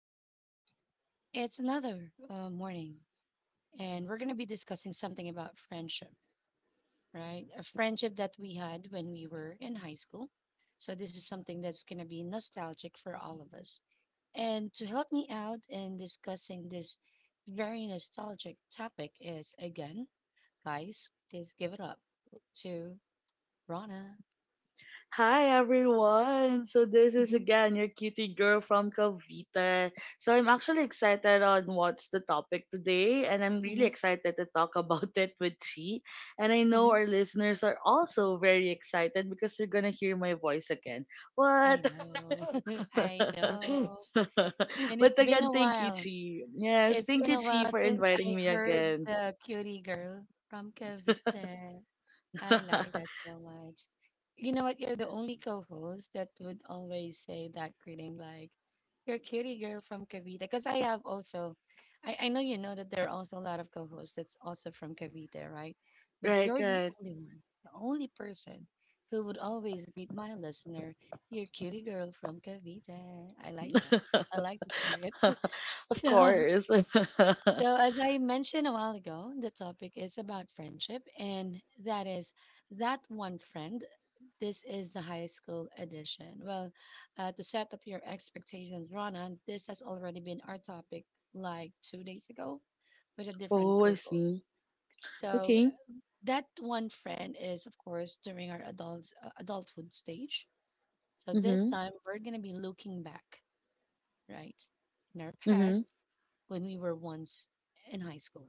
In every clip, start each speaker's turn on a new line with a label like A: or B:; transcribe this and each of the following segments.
A: with G. It's another morning, and we're going to be discussing something about friendship, right? A friendship that we had when we were in high school. So, this is something that's going to be nostalgic for all of us. And to help me out in discussing this very nostalgic topic is again, guys, please give it up to Rana.
B: Hi, everyone! So this is
A: hmm
B: again your cutie girl from Cavite. So I'm actually excited on what's the topic today, and I'm really
A: hmm
B: excited to talk about it with Chi. And I know
A: hmm
B: our listeners are also very excited because they're gonna hear my voice again.
A: I
B: What?
A: know. I know. And it's
B: But
A: been a
B: again, thank you,
A: while.
B: Chi. Yes,
A: It's
B: thank
A: been
B: you,
A: a
B: Chi,
A: while
B: for
A: since I
B: inviting me
A: heard
B: again.
A: the cutie girl from Cavite. I like that so much. You know what? You're the only co-host that would always say that greeting, like, you're cutie girl from Cavite. Because I have also, I know you know that there are also a lot of co-hosts that's also from Cavite, right? But
B: Right,
A: you're the
B: right.
A: only one, the only person who would always greet my listener, you're cutie girl from Cavite. I like that. I like the spirit.
B: Of
A: So,
B: course.
A: so as I mentioned a while ago, the topic is about friendship, and that is that one friend. This is the high school edition. Well, to set up your expectations, Rana, this has already been our topic like 2 days ago with a different
B: Oh, I
A: co-host.
B: see.
A: So
B: Okay.
A: that one friend is, of course, during our adult adulthood stage. So this
B: Mhm.
A: time we're gonna be looking back, right, in our past
B: Mhm.
A: when we were once in high school.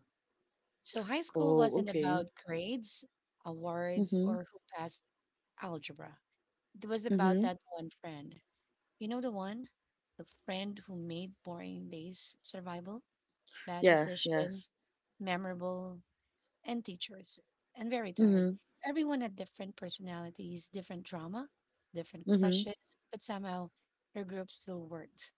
A: So high school
B: Oh,
A: wasn't
B: okay.
A: about grades, awards,
B: Mhm.
A: or who passed algebra. It was about
B: Mhm.
A: that one friend. You know the one? The friend who made boring days survival, bad
B: Yes,
A: decision,
B: yes.
A: memorable, and teachers, and very tired.
B: Mhm.
A: Everyone had different personalities, different drama, different
B: Mhm.
A: crushes, but somehow their group still worked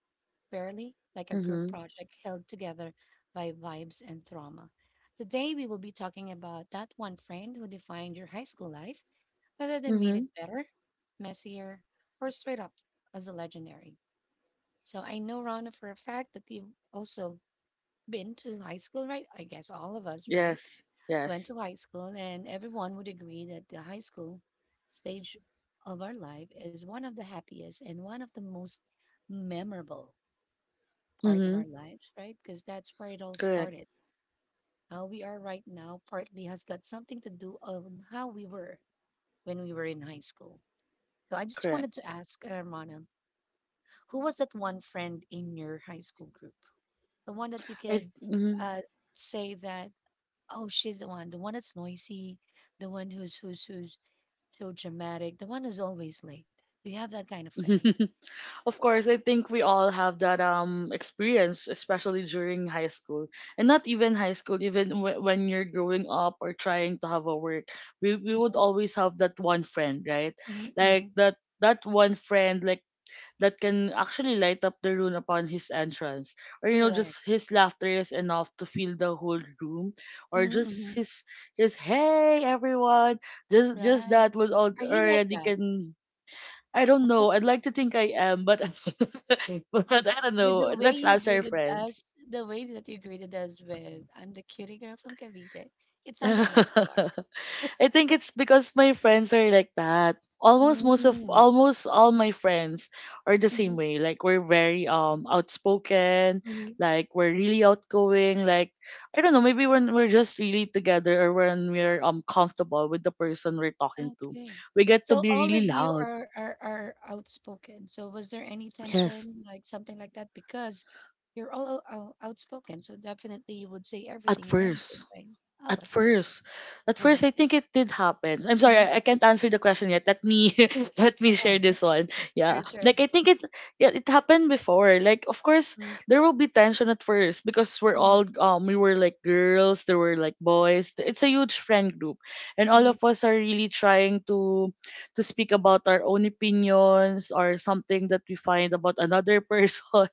A: barely like a group
B: Mhm.
A: project held together by vibes and trauma. Today, we will be talking about that one friend who defined your high school life, whether they made
B: Mhm.
A: it better, messier, or straight up as a legendary. So I know, Rana, for a fact that you've also been to high school, right? I guess all of us, right?
B: Yes.
A: Went to
B: Yes.
A: high school, and everyone would agree that the high school stage of our life is one of the happiest and one of the most memorable part of our
B: Mhm.
A: lives, right? Because that's where it all
B: Correct.
A: started. How we are right now partly has got something to do on how we were when we were in high school. So I just wanted
B: Correct.
A: to ask, Rana, who was that one friend in your high school group? The one that you
B: I
A: could
B: mhm.
A: uh, say that, oh, she's the one that's noisy, the one who's so dramatic, the one who's always late. Do you have that kind of friend?
B: Of course, I think we all have that experience, especially during high school, and not even high school, even when you're growing up or trying to have a work, we would always have that one friend, right?
A: Mm-hmm.
B: Like
A: hmm
B: that one friend, like that can actually light up the room upon his entrance. Or, you know,
A: Correct.
B: just his laughter is enough to fill the whole room. Or just
A: Mm-hmm,
B: his hey, everyone. Just
A: Right.
B: that would
A: Are you like
B: already
A: that?
B: can. I don't know. I'd like to think I am, but but I don't
A: With the
B: know.
A: way
B: Let's
A: you
B: ask our
A: greeted us,
B: friends.
A: the way that you greeted us with, I'm the cutie girl from Cavite, it sounded like you are.
B: I think it's because my friends are like that. Almost most of
A: Mm-hmm.
B: almost all my friends are the same way. Like, we're very outspoken,
A: hmm
B: like, we're really outgoing, like, I don't know, maybe when we're just really together or when we're comfortable with the person we're talking to.
A: Okay.
B: We get to
A: So
B: be
A: all of
B: really
A: you
B: loud.
A: are outspoken. So was there any
B: Yes,
A: tension, like something like that? Because you're all outspoken, so definitely you would say
B: at
A: everything and anything,
B: first.
A: right? Oh,
B: At
A: at 1st.
B: first, at
A: Uh-huh.
B: first, I think it did happen. I'm sorry,
A: Mm-hmm.
B: I can't answer the question yet. Let me let
A: I
B: me
A: know.
B: share this one.
A: Sure,
B: Yeah,
A: sure.
B: like I think it, yeah, it happened before. Like, of course,
A: Mm-hmm.
B: there will be tension at first because we're all we were like girls, there were like boys. It's a huge friend group, and all
A: Mm-hmm.
B: of us are really trying to speak about our own opinions or something that we find about another person.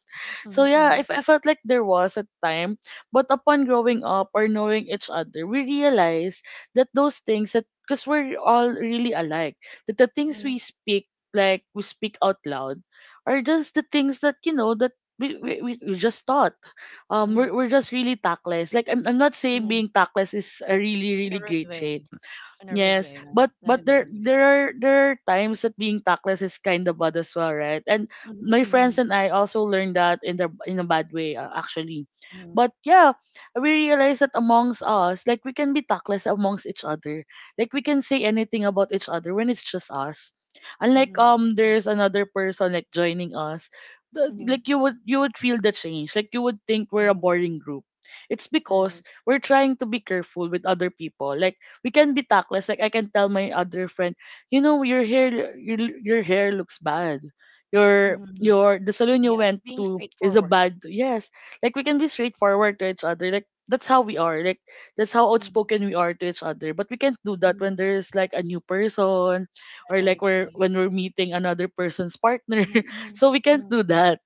B: So yeah,
A: Mm-hmm.
B: if I felt like there was a time, but upon growing up or knowing each other, we realize that those things that because we're all really alike, that the things
A: Mm-hmm.
B: we speak like we speak out loud are just the things that, you know, that we just thought
A: Mm-hmm.
B: we're just really tactless. Like I'm not saying
A: Mm-hmm.
B: being tactless is a really
A: In a
B: really
A: rude
B: great
A: way.
B: trait.
A: In a rude
B: Yes,
A: way, right?
B: but
A: Not in a rude
B: there
A: way.
B: there are there are times that being tactless is kind of bad as well, right? And
A: Mm-hmm,
B: my
A: mm-hmm,
B: friends and I also learned that in the in a bad way actually. But yeah, we realized that amongst us, like, we can be tactless amongst each other. Like, we can say anything about each other when it's just us. Unlike,
A: mm-hmm,
B: there's another person like joining us, the,
A: mm-hmm,
B: like you would feel the change. Like, you would think we're a
A: mm-hmm,
B: boring group. It's
A: right.
B: because we're trying to be careful with other people. Like, we can be tactless. Like, I can tell my other friend, you know, your hair, your hair looks bad. Your
A: Mm-hmm,
B: your the salon you
A: Yes,
B: went
A: being
B: to is a
A: straightforward.
B: bad. Yes, like, we can be straightforward to each other. Like, that's how we are. Like, that's how
A: Mm-hmm,
B: outspoken we are to each other. But we can't do that when there's like a new person, or
A: Right,
B: like we're
A: right.
B: when we're meeting another person's partner.
A: mm-hmm, mm-hmm,
B: So we can't do
A: mm-hmm,
B: that.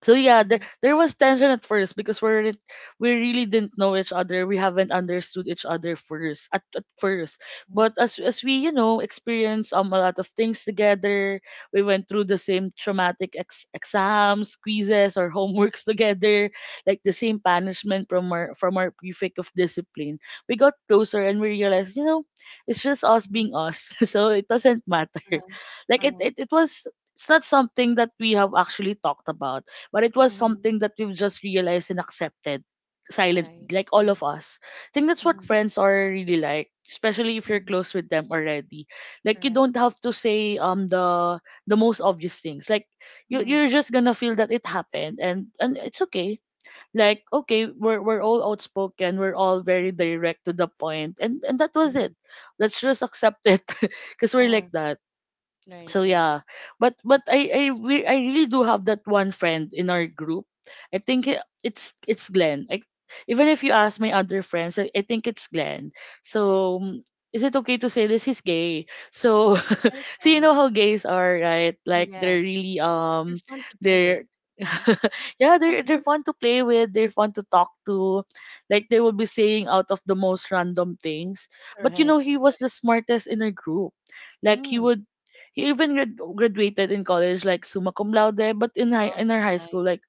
B: So yeah,
A: mm-hmm,
B: there was tension at first because we weren't, we really didn't know each other, we haven't understood each other first at first, but as we, you know, experienced a lot of things together, we went through the same traumatic exams, quizzes, or homeworks together, like the same punishment from our prefect of discipline. We got closer and we realized, you know, it's just us
A: mm-hmm,
B: being us. So it doesn't matter.
A: uh-huh,
B: Like
A: uh-huh,
B: it was, it's not something that we have actually talked about, but it was
A: mm-hmm,
B: something that we've just realized and accepted
A: all
B: silently,
A: right.
B: like all of us. I think that's what
A: Mm-hmm,
B: friends are really like, especially if you're
A: mm-hmm,
B: close with them already. Like, you
A: correct.
B: don't have to say the most obvious things. Like,
A: Mm-hmm,
B: you're just gonna feel that it happened, and it's okay. Like, okay, we're all outspoken, we're all very direct to the point, and that was
A: mm-hmm,
B: it. Let's just accept it, because we're
A: Uh,
B: like that.
A: right,
B: So
A: right.
B: yeah, but I really do have that one friend in our group. I think it's Glenn. Like, even if you ask my other friends, I think it's Glenn. So,
A: Mm,
B: mm, is it okay to say this, he's gay? So
A: That is
B: so you
A: fine.
B: know
A: It's
B: how gays are, right?
A: fine.
B: Like,
A: Yeah,
B: they're really
A: they're fun to be with,
B: they're
A: right?
B: yeah,
A: Fun to
B: they're
A: be
B: fun to play with, they're fun to talk to, like, they will be saying out of the most random things.
A: with.
B: But you
A: Correct,
B: know he was
A: correct.
B: the smartest in our group. Like, he
A: Mm-hmm,
B: would he even graduated in college like summa cum laude, but in high
A: Oh,
B: in
A: that's
B: our high school,
A: nice.
B: like,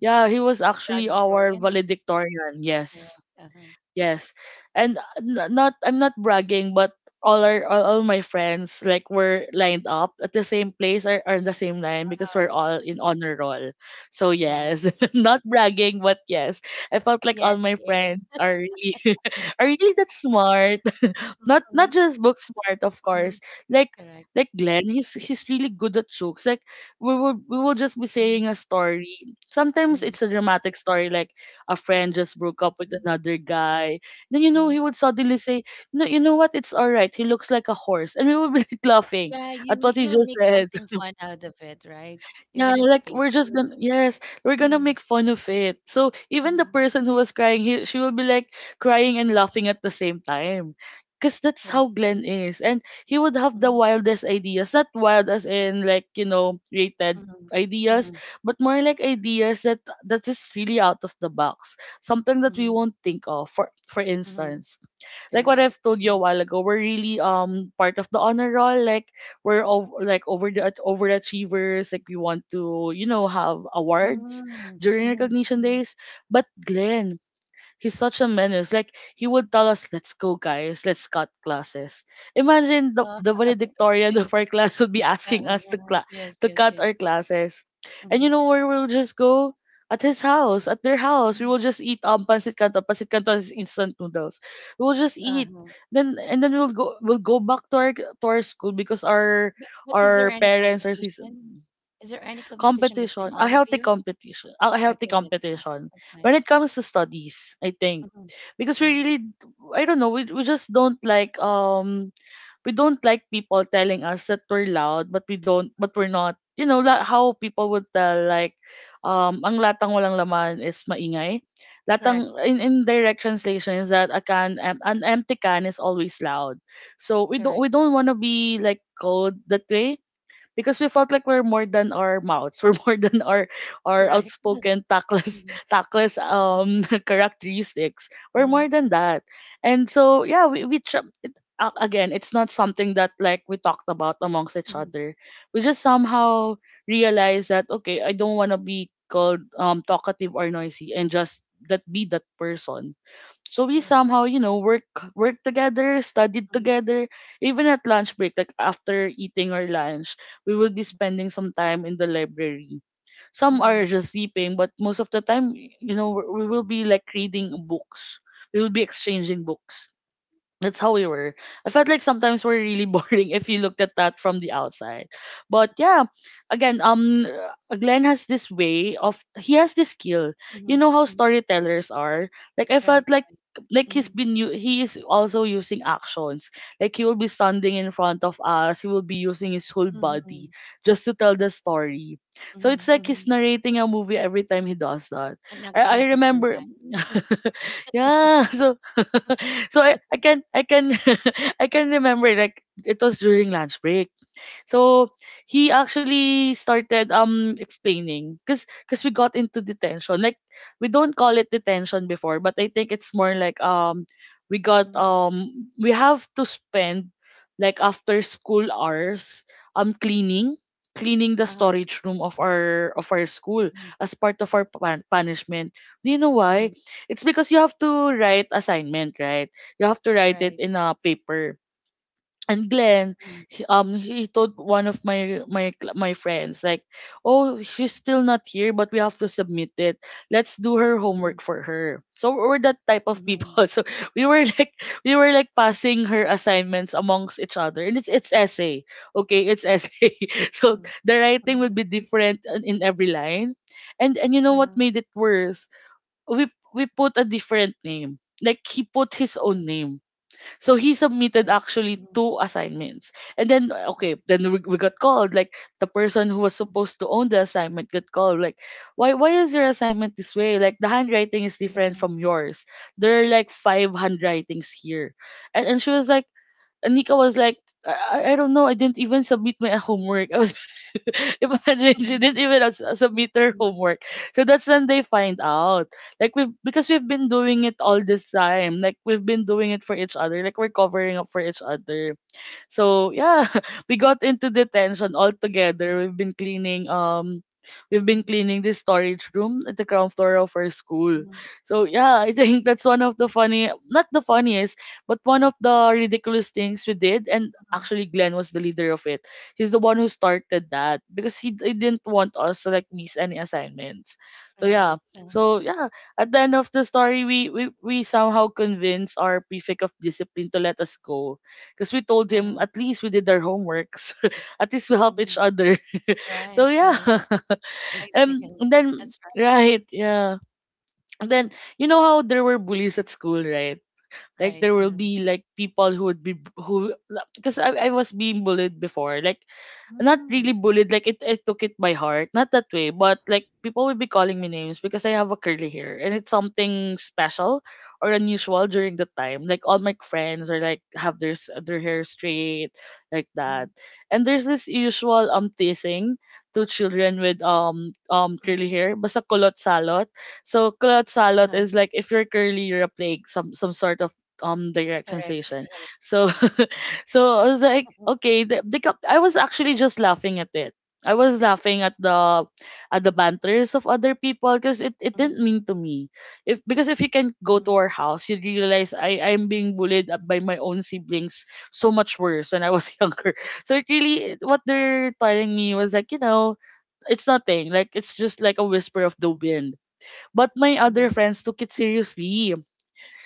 B: yeah, he was actually our
A: Valedictorian?
B: valedictorian. Yes,
A: Correct. Uh-huh.
B: yes, and not, I'm not bragging, but all my friends like were lined up at the same place, or in the same line because
A: Oh,
B: we're all in honor roll. So
A: wow.
B: yes, not bragging, but yes, I felt like all
A: Yes,
B: my
A: she is.
B: friends are really are really that smart, not
A: Mm-hmm,
B: just book smart, of
A: mm-hmm,
B: course. Like
A: correct.
B: like Glenn, he's really good at jokes. Like, we will just be
A: Mm-hmm,
B: saying a story. Sometimes
A: mm-hmm,
B: it's a dramatic story, like a friend
A: correct.
B: just broke up with
A: Mm-hmm,
B: another guy. Then, you know,
A: mm-hmm.
B: he would suddenly say, "No, you know what, it's alright. He looks like a horse." And we would be like laughing
A: Yeah,
B: at
A: you
B: what
A: ma-
B: he
A: you'll
B: just
A: make
B: said.
A: something fun out of it, right?
B: Yeah,
A: Even it's
B: like, we're just
A: painful.
B: gonna, yes, we're gonna make
A: Mm-hmm,
B: fun of it. So even the
A: mm-hmm,
B: person who was crying, he, she will be like crying and laughing at the same time. Cause that's how
A: right,
B: Glenn
A: right.
B: is. And he would have the
A: Mm-hmm,
B: wildest ideas. Not wild as in, like, you know, created
A: mm-hmm,
B: ideas,
A: mm-hmm,
B: but more like ideas that that's just really out of the box. Something that we
A: mm-hmm,
B: won't think of. For
A: mm-hmm,
B: instance, like what
A: correct.
B: I've told you a
A: Mm-hmm,
B: while ago, we're really part of the honor roll. Like, we're of, like, over the overachievers. Like, we want to, you know, have awards
A: Mm,
B: during
A: mm-hmm,
B: recognition
A: mm-hmm.
B: days. But Glenn, he's such a menace. Like, he would tell us, "Let's go, guys. Let's cut classes." Imagine the
A: Uh,
B: valedictorian of
A: okay.
B: our class would be asking us
A: Uh-huh,
B: to
A: uh-huh.
B: to
A: Yes, yes,
B: cut our
A: yes.
B: classes, and you know
A: Mm-hmm,
B: where we'll just go, at his house, at their house. We will
A: mm-hmm.
B: just eat pancit canton. Pancit canton is instant noodles. We will just eat.
A: Uh-huh.
B: Then and then we'll go back to our school because
A: But is
B: our
A: there any
B: parents are
A: competition?
B: season.
A: Is there any competition
B: Competition,
A: between
B: a
A: all of
B: healthy
A: you?
B: competition, a healthy
A: Okay, that's nice.
B: competition
A: That's
B: when it
A: nice.
B: comes to studies, I think,
A: Mhm,
B: because we really
A: mhm.
B: I don't know, we just don't like, we don't like people telling us that we're loud, but we don't, but we're not, you know, how people would tell, like, ang latang walang laman is maingay. Latang,
A: Correct.
B: in direct translation, is that a can, an empty can is always loud. So we don't, we
A: Correct.
B: don't want to be like called that way because we felt like we're more than our mouths. We're more than our
A: Correct.
B: outspoken tactless
A: Mhm,
B: tactless
A: mhm,
B: characteristics. We're more
A: mhm,
B: than that. And so, yeah, again, it's not something that like we talked about amongst each
A: mhm.
B: other. We just somehow realized that, okay, I don't want to be called talkative or noisy and just that be that person. So we
A: Correct.
B: somehow, you know, work, work together, studied
A: Mhm,
B: together, even at lunch break, like after eating our lunch, we would be spending some time in the library. Some are
A: mhm,
B: just sleeping, but most of the time, you know, we will be like reading books. We will be exchanging books. That's how we were. I felt like sometimes we're really boring if you looked at that from the outside. But yeah, again, Glenn has this way of, he has this skill. You know
A: mhm,
B: how
A: mhm.
B: storytellers are. Like, I felt
A: Right.
B: like
A: Right.
B: like
A: Mhm,
B: he is also using actions. Like, he will be standing in front of us. He will be using his whole body
A: mhm,
B: just to tell the story. So it's
A: mhm,
B: like he's
A: mhm.
B: narrating a movie every time he does that.
A: And
B: I
A: acting
B: I
A: at the
B: remember
A: same time.
B: yeah. So I can I can remember like it was during lunch break. So he actually started explaining because we got into detention. Like we don't call it detention before, but I think it's more like
A: Mhm,
B: we have to spend like after school hours um cleaning cleaning the
A: Uh-huh.
B: storage room of our school
A: Mhm,
B: as part of our punishment. Do you know why?
A: mhm.
B: It's because you have to write assignment, right? You have to write it
A: Right.
B: in a paper, and Glenn,
A: Mhm,
B: he told one of my friends like, "Oh, she's still not here, but we have to submit it. Let's do her
A: mhm,
B: homework for her." So we're that type of
A: mhm,
B: people. So we were like we were like passing her assignments amongst each other, and it's essay. Okay, it's essay. so
A: mhm,
B: the writing would
A: mhm,
B: be different in every line, and you know
A: uh-huh,
B: what made it worse? We we put a different name. Like he put his
A: uh-huh.
B: own name, so he submitted
A: Correct.
B: actually
A: Mhm,
B: two assignments. And then
A: uh,
B: okay, then we got called, like the person who was
A: mhm,
B: supposed to own the assignment got called like, why is your assignment this way? Like the handwriting is different
A: mhm,
B: from yours. There are like five handwritings here. And she was like, and Nika was like, I don't know. I didn't even submit my homework. I was imagine she didn't
A: mhm,
B: even submit her
A: mhm,
B: homework. So that's when they find out. Like we've because we've been doing it all this time. Like we've been doing it for each other. Like we're covering up for each other. So yeah, we got into detention all
A: mhm,
B: together. We've been cleaning
A: mhm,
B: this storage room at the ground floor of our school.
A: mhm.
B: So yeah, I think that's one of the funny, not the funniest, but one of the ridiculous things we did, and
A: mhm.
B: actually Glenn was the leader of it. He's the one who started that because he didn't want us to like miss any assignments. So yeah.
A: Right.
B: So yeah, at the end of the story, we somehow convinced our prefect of discipline to let us go, because we told him
A: Uh,
B: at least we did our homeworks, at least we help
A: mhm.
B: each other. so
A: Right,
B: yeah,
A: right. White chicken.
B: and then
A: That's
B: right, yeah, and then you know how there were bullies at school, right? Like
A: right,
B: there
A: right.
B: will
A: Uh-huh.
B: be like people who would be who because I was being bullied before, like not really
A: Mm,
B: bullied. Like it, I took it by heart. Not that way, but like people will be calling me names because I have a curly hair, and it's something special or unusual during the time. Like all my friends are like have their hair straight like
A: hmm
B: that, and there's this usual teasing to children with
A: mhm,
B: curly hair. Basta kulot salot. So kulot
A: uh-huh.
B: salot is like if you're curly, you're a plague. Some sort of
A: Correct,
B: direct
A: correct.
B: sensation. So I was
A: Mhm,
B: like, okay, I was actually just laughing at it. I was laughing at the banters of other people because it
A: mhm,
B: didn't mean to me. If Because if you can
A: mhm,
B: go to our house, you'd realize I'm being bullied up by my own siblings so much worse when I was younger. So it really, what they're telling me was like, you know, it's nothing. Like it's just like a whisper
A: uh,
B: of the wind. But my
A: mhm,
B: other friends took it seriously.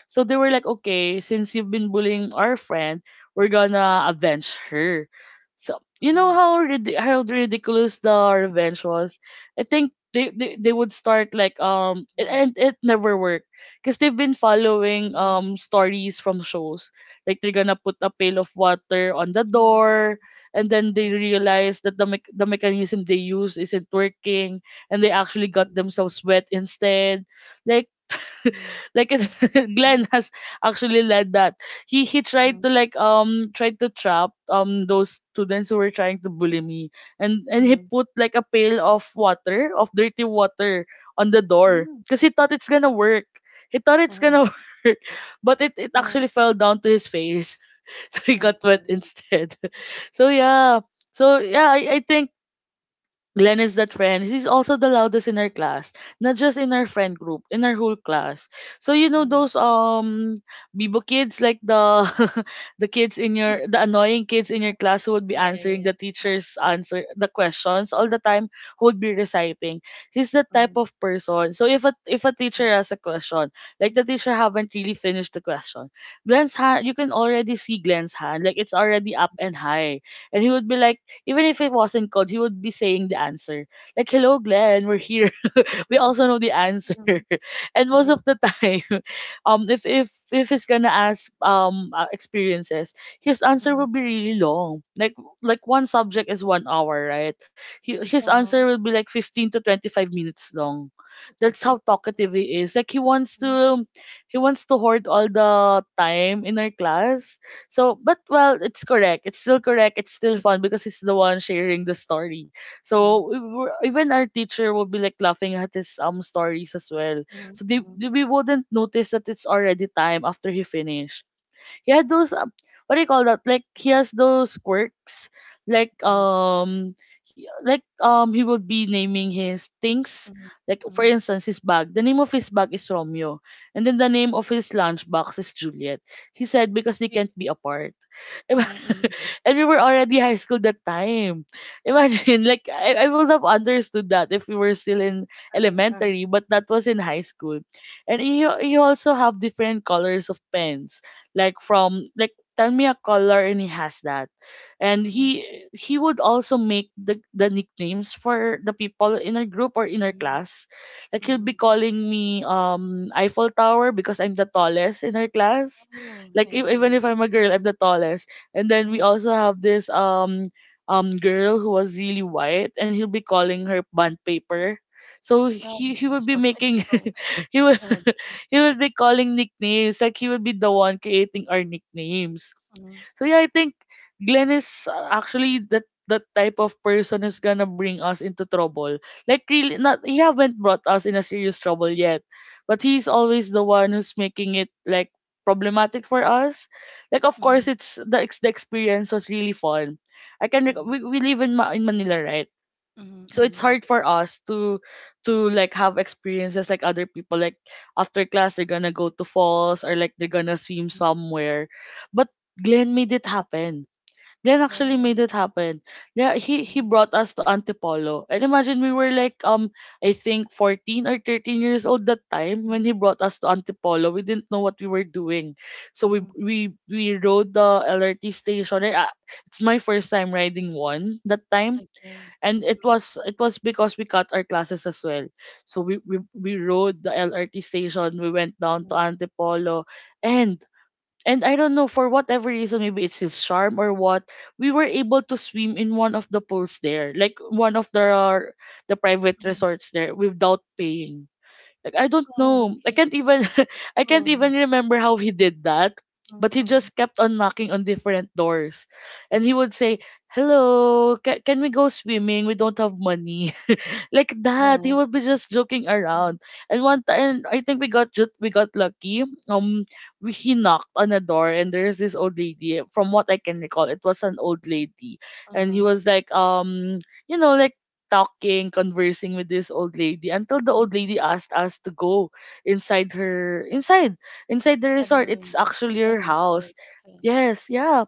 B: So they were like, okay, since you've been bullying our friend, we're gonna avenge her. So you
A: mhm,
B: know how how ridiculous the revenge was. I think they would start like
A: mhm,
B: and it never worked because they've been following
A: mhm,
B: stories from shows like they're gonna put a pail of water on the
A: mhm,
B: door, and then
A: Right.
B: they realize that the mechanism they use isn't working, and they actually got
A: Mhm,
B: themselves wet instead. Like
A: mhm,
B: like it,
A: mhm,
B: Glenn has actually led that. He
A: mhm,
B: tried to like tried to trap those students who were trying to bully me, and he
A: mhm,
B: put like a pail of water, of dirty water on the door
A: mhm,
B: because he thought it's gonna work. He thought it's
A: uh-huh,
B: gonna work, but it
A: uh-huh.
B: actually fell down to his face, so he got
A: Okay,
B: wet
A: right.
B: instead.
A: Okay.
B: So yeah, so yeah, I think Glenn is that friend. He's also the loudest in our class, not just in our friend group, in our whole class. So you know
A: Mhm.
B: those Bibo kids, like the
A: Uh,
B: the annoying kids in your class who would be
A: Yeah, yeah, yeah,
B: answering
A: yeah.
B: the
A: Uh-huh,
B: teacher's
A: uh-huh.
B: answer the questions all the time, who would be reciting. He's that
A: Mhm,
B: type of person. So if a
A: mhm,
B: teacher has a question, like the teacher haven't really finished the question, Glenn's hand you can already see Glenn's hand, like it's already up and high, and he would be like, even if it wasn't called, he would be saying the answer. Like, hello, Glenn, we're here, we
A: mhm,
B: also know the answer.
A: mhm, mhm,
B: And most
A: Right.
B: of the time, if he's gonna ask experiences, his answer
A: Mhm.
B: will be really long. Like one subject is 1 hour, right? His answer
A: Uh-huh.
B: will be like 15 to 25 minutes long. That's how talkative he is. Like
A: Mhm,
B: he wants to hoard all the time in our class. So, but well, it's correct. It's still correct. It's still fun because he's the one sharing the story. So
A: mhm.
B: even our teacher will be like laughing at his stories as well.
A: Mhm,
B: So
A: mhm,
B: we wouldn't notice that it's already time after he finished. He had those what do you call that? Like he has those quirks. Like
A: mhm,
B: like he would be naming his things.
A: mhm,
B: Like for
A: mhm.
B: instance, his bag. The name of his bag is Romeo, and then the name of his lunchbox is Juliet. He said because they
A: Y
B: can't be apart. and
A: mhm, mhm,
B: we were already high school that time. Imagine, like I would have understood that if we were still
A: mhm.
B: in
A: Uh-huh,
B: elementary, but that was in high school. And you also have different colors of pens, like from like tell me a color, and he has that. And
A: uh,
B: he would also make the nicknames for the people in our group or in our
A: mhm,
B: class. Like
A: mhm,
B: he'll be
A: mhm.
B: calling me Eiffel Tower because I'm the tallest in our class.
A: Oh,
B: Like
A: I
B: even if
A: see.
B: I'm a girl, I'm the tallest. And then we
A: Mhm.
B: also have this girl who was really white, and he'll be calling her bond paper. So
A: Oh,
B: he
A: because
B: would
A: it's
B: be
A: so it's
B: making
A: just so light.
B: he would
A: Oh, okay.
B: he will be calling nicknames. Like he will be the one creating our nicknames.
A: Mhm,
B: So yeah, I think Glenn is actually that type of person who's gonna bring us into trouble. Like really, not he haven't brought us in a serious trouble yet, but he's always the one who's making it like problematic for us. Like of course
A: mhm,
B: it's the the experience was really fun. I can
A: mhm,
B: we live in Manila, right?
A: mhm,
B: So it's hard
A: mhm,
B: for us to like have experiences like other people. Like after class they're gonna go to falls, or like they're gonna swim
A: mhm.
B: somewhere, but Glenn made it happen. Glenn actually
A: Oh.
B: made it happen. Yeah, he
A: mhm,
B: brought us to Antipolo. And imagine, we were like I think 14 or 13 years old that time when
A: mhm,
B: he brought us to Antipolo. We didn't know what we were doing. So we
A: mhm.
B: we we rode the LRT station. It's my first time riding one that time,
A: Okay.
B: and it
A: Mhm,
B: was because we cut our classes as well. So we rode the LRT station, we went down to
A: mhm,
B: Antipolo, and I don't know, for whatever reason, maybe it's his charm or what, we were able to swim in one of the pools there, like one of the private
A: mhm.
B: resorts there without paying. Like I don't
A: Oh,
B: know. I
A: okay.
B: can't even
A: That's
B: I can't even
A: cool.
B: remember how he did that. But
A: Mhm,
B: he
A: mhm,
B: just kept on knocking on different doors. And he would
A: mhm.
B: say, hello, can we go swimming? We don't have money, like that. He
A: Uh,
B: would be just joking
A: mhm,
B: around. And one time, I think we got, just we got lucky. He knocked on a door, and there's this old lady. From what I can recall, it was an old lady, and he
A: mhm,
B: was like, you know, like talking, conversing with this old lady until the old
A: mhm.
B: lady asked us to go inside her inside inside the
A: Inside the
B: resort. It's
A: room.
B: actually her
A: Inside the
B: house.
A: resort. Okay.
B: Yes, yeah.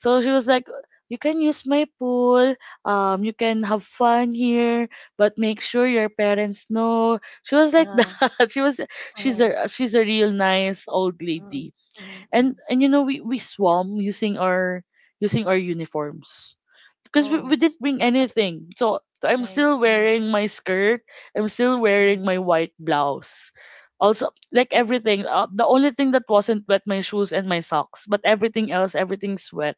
B: So she was like, "You can use my pool. You can have fun here, but make sure your parents know." She was like
A: Uh-huh,
B: that. She's
A: uh-huh.
B: a real nice old lady.
A: Mhm, mhm,
B: And
A: mhm.
B: and you know we swam using our uniforms because we
A: Oh,
B: didn't bring anything. So I'm
A: right.
B: still
A: Mhm,
B: wearing my skirt. I'm still
A: mhm.
B: wearing my white blouse. Also, like everything, the only thing that wasn't wet my shoes and my socks, but everything else, everything's wet,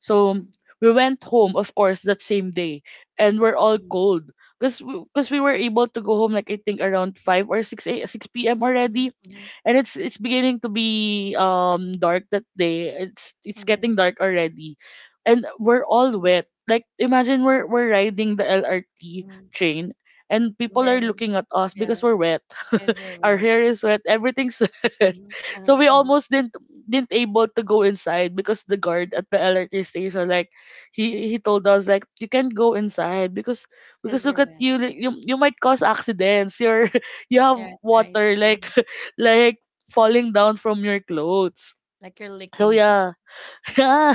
B: so we went home, of course, that same day, and we're all
A: Mhm,
B: cold because because we were able to go home like I think around five or six a, six p.m.
A: mhm,
B: already,
A: mhm,
B: and it's beginning to be dark that day. It's
A: mhm,
B: getting dark already, and we're all wet. Like imagine we're riding the LRT
A: mhm.
B: train, and
A: And
B: people are
A: then,
B: looking at us
A: yeah,
B: because we're wet,
A: because you're
B: our
A: wet.
B: hair is wet. Everything's wet.
A: Mhm,
B: So
A: uh-huh,
B: we
A: uh-huh.
B: almost didn't able to go inside because the guard at the electric station like he told us like you can't go inside because
A: Because
B: look
A: you're
B: at
A: wet.
B: you, like, you might cause accidents. You're you have
A: Yeah, right.
B: water like
A: Um,
B: like falling down from your clothes.
A: like you're
B: So
A: licking.
B: yeah, yeah.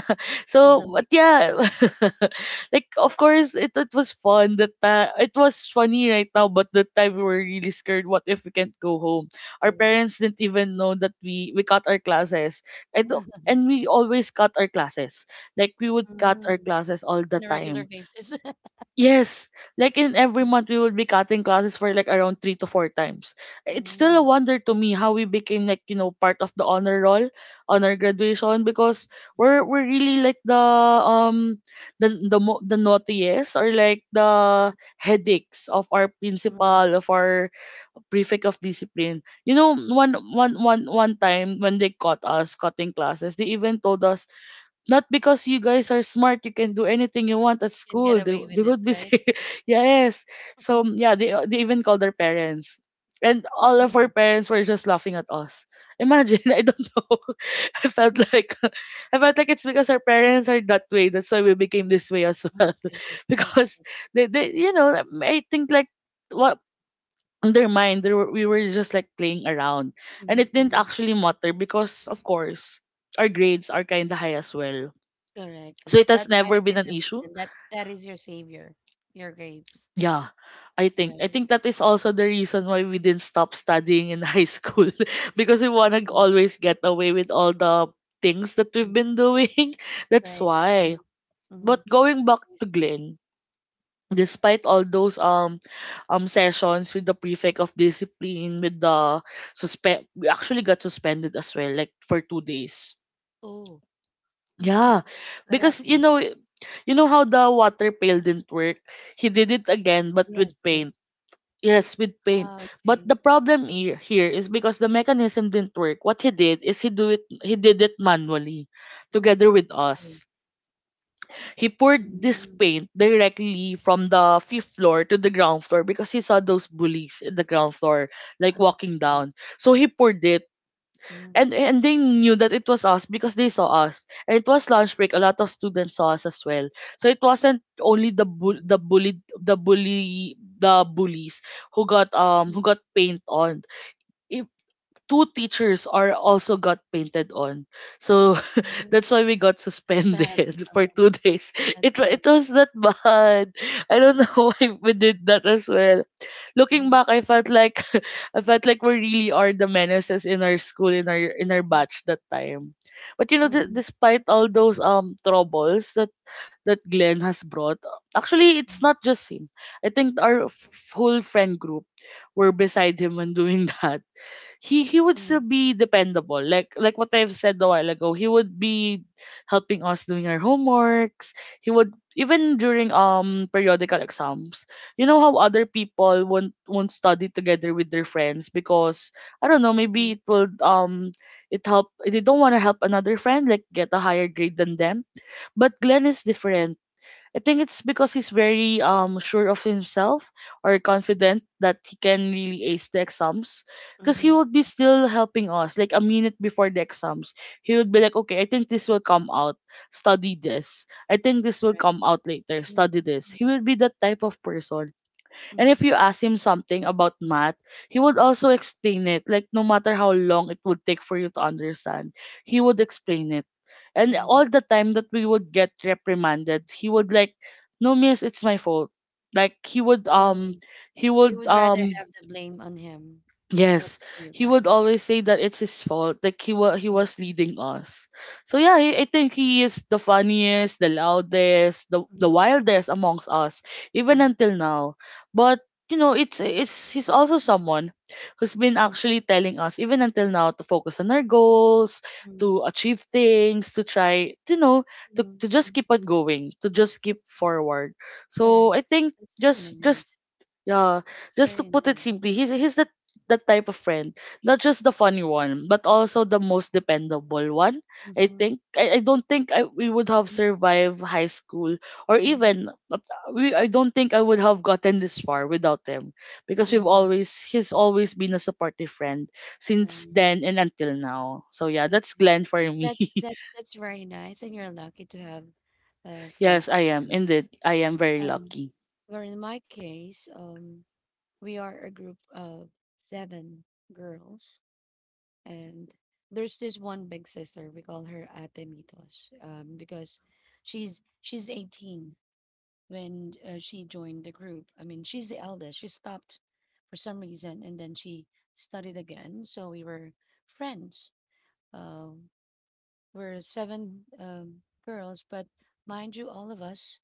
A: There's
B: So,
A: a
B: but
A: lick.
B: yeah, like of course it was fun that time. It was funny right now, but that time we were really scared. What if we can't go home? Our
A: Correct.
B: parents didn't even know that we cut our classes. I don't, and we always cut our classes. Like we would cut our
A: Mm.
B: classes all the
A: On a regular
B: time.
A: basis.
B: Yes, like in every
A: Mm,
B: month we would be cutting classes for like around three to four times. It's still a
A: mm,
B: wonder to me how we became like, you know, part of the honor roll, honor graduation because we're really like the um the naughtiest, or like the
A: mm,
B: headaches of our
A: mm.
B: principal, of our prefect of discipline. You know, one time when they caught us cutting classes, they even told us, not because you guys are smart, you can do anything you want at
A: You can
B: school.
A: get
B: They,
A: away
B: they
A: with it,
B: would be
A: right?
B: say, yes. So yeah, they even called their parents, and all of our
A: Mm,
B: parents were just laughing at us. Imagine, I don't know. I felt
A: mhm.
B: like I felt like it's because our parents are that way. That's why we became this way as well.
A: Correct, correct, correct.
B: Because they you know, like, I think like what in their mind they were, we were just like playing around. And
A: Mhm,
B: it didn't
A: mhm.
B: actually matter because of course our grades are kinda high as well.
A: Correct.
B: So it has
A: That might
B: never
A: have
B: been
A: been
B: an
A: the
B: issue.
A: reason. That that is your savior, your grades,
B: Yeah. I think I
A: right?
B: think that is also the reason why we didn't stop studying in high school because we want to
A: Mhm,
B: always get away with all the things that we've
A: mhm.
B: been doing. That's
A: Right. Mm-hmm.
B: why. But
A: Mm-hmm.
B: going back
A: I
B: to
A: see.
B: Glenn, despite all those sessions with the prefect of discipline, with the suspend, we actually got suspended as well like for 2 days.
A: Oh. mm-hmm.
B: Yeah.
A: What
B: Because you
A: happened?
B: know You know how the water pail didn't work? He did it again, but
A: Yes,
B: with
A: yes.
B: paint. Yes, with paint.
A: Ah,
B: But
A: okay.
B: the problem here is because the mechanism didn't work. What he did is he do it. he did it manually, together with
A: Oh.
B: us. He poured this
A: Mm-hmm.
B: paint directly from the fifth floor to the ground floor because he saw those bullies in the ground floor, like walking
A: Okay.
B: down. So he poured it,
A: Mm-hmm.
B: and they knew that it was us because they saw us, and it was lunch break, a lot of students saw us as well, so it wasn't only the bull
A: Mm-hmm.
B: the bullied the bully the bullies who got paint on, if two teachers are also got painted on, so
A: Mm-hmm.
B: that's why we got
A: That's bad.
B: suspended for
A: Uh-huh.
B: 2 days.
A: That's bad.
B: It was that bad. I don't know why we did that as well. Looking
A: Mm-hmm.
B: back, I felt like I felt like we really are the menaces in our school, in our
A: Mm-hmm.
B: batch that time. But you know,
A: Mm-hmm.
B: despite all those troubles that that Glenn has brought, actually it's not just him. I think our whole friend group were beside him when doing that, he would still be dependable. Like what I've said a while ago, he would be helping us doing our homeworks. He would even during periodical exams. You know how other people won't study together with their friends because I don't know,
A: Mm-hmm.
B: maybe it will it help, they don't want to help another friend like get a higher grade than them. But Glenn is different. I think it's because he's very sure of himself, or confident that he can really ace the exams. Because he
A: Mm-hmm.
B: would be still helping us like a minute before the exams. He would be like, okay, I think this will come out. Study this. I think this will
A: Correct.
B: come out later.
A: Mm-hmm.
B: Study this. He will be that type of person. And
A: Mm-hmm.
B: if you ask him something about math, he would also explain it. Like no matter how long it would take for you to understand, he would explain it, and
A: Mm-hmm.
B: all the time that we would get reprimanded, he would like, no miss, it's my fault. Like
A: Oh.
B: he
A: He
B: would
A: would rather have the blame on him rather
B: Yes,
A: than you
B: he would
A: guys.
B: always say that it's his fault. Like he was leading us. So yeah, I think he is the funniest, the loudest, the
A: Mhm,
B: wildest amongst us, even
A: mhm,
B: until now. But you know, it's he's also someone who's been
A: mhm,
B: actually telling us even until now to focus on our goals,
A: mhm,
B: to achieve things, to try, you know, to
A: mhm, mhm,
B: just
A: mhm.
B: keep on going, to just keep forward. So
A: Correct.
B: I think
A: That's very
B: just
A: nice.
B: yeah,
A: That's
B: just to
A: very
B: put it
A: nice.
B: simply, he's the that type of friend, not just the funny one, but also the most dependable one.
A: Mm-hmm.
B: I don't think I we would have survived high school or
A: Mm-hmm.
B: even we I don't think I would have gotten this far without him because we've
A: Mm-hmm.
B: always he's always been a supportive friend since
A: Right.
B: then and until now. So yeah,
A: Okay.
B: that's Glenn for me.
A: That's that's very nice, and you're lucky to have
B: Yes,
A: friends
B: I am
A: like
B: indeed. I am very
A: that.
B: lucky.
A: Where in my case, we are a group of seven girls. And there's this one big sister, we call her Ate Mitos, because she's 18 when she joined the group. I mean, she's the eldest. She stopped for some reason and then she studied again. So we were friends. Uh, we're seven girls, but mind you, all of us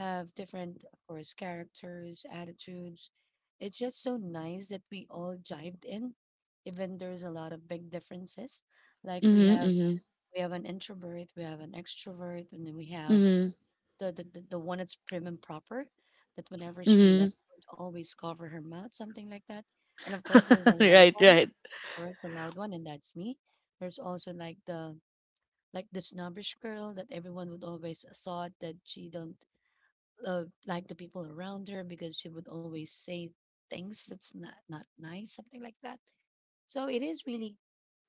A: have different, of course, characters, attitudes. It's just so nice that we all jived in, even there's a lot of big differences. Like
B: Mhm, mhm,
A: we have an introvert, we have an extrovert, and then we have
B: mhm,
A: the one that's prim and proper, that whenever she
B: mhm.
A: left would always cover her mouth, something like that. And of course there's a loud
B: Right,
A: one,
B: right.
A: or else the loud one, and that's me. There's also like the snobbish girl that everyone would always thought that she don't like the people around her because she would always say things that's not not nice, something like that. So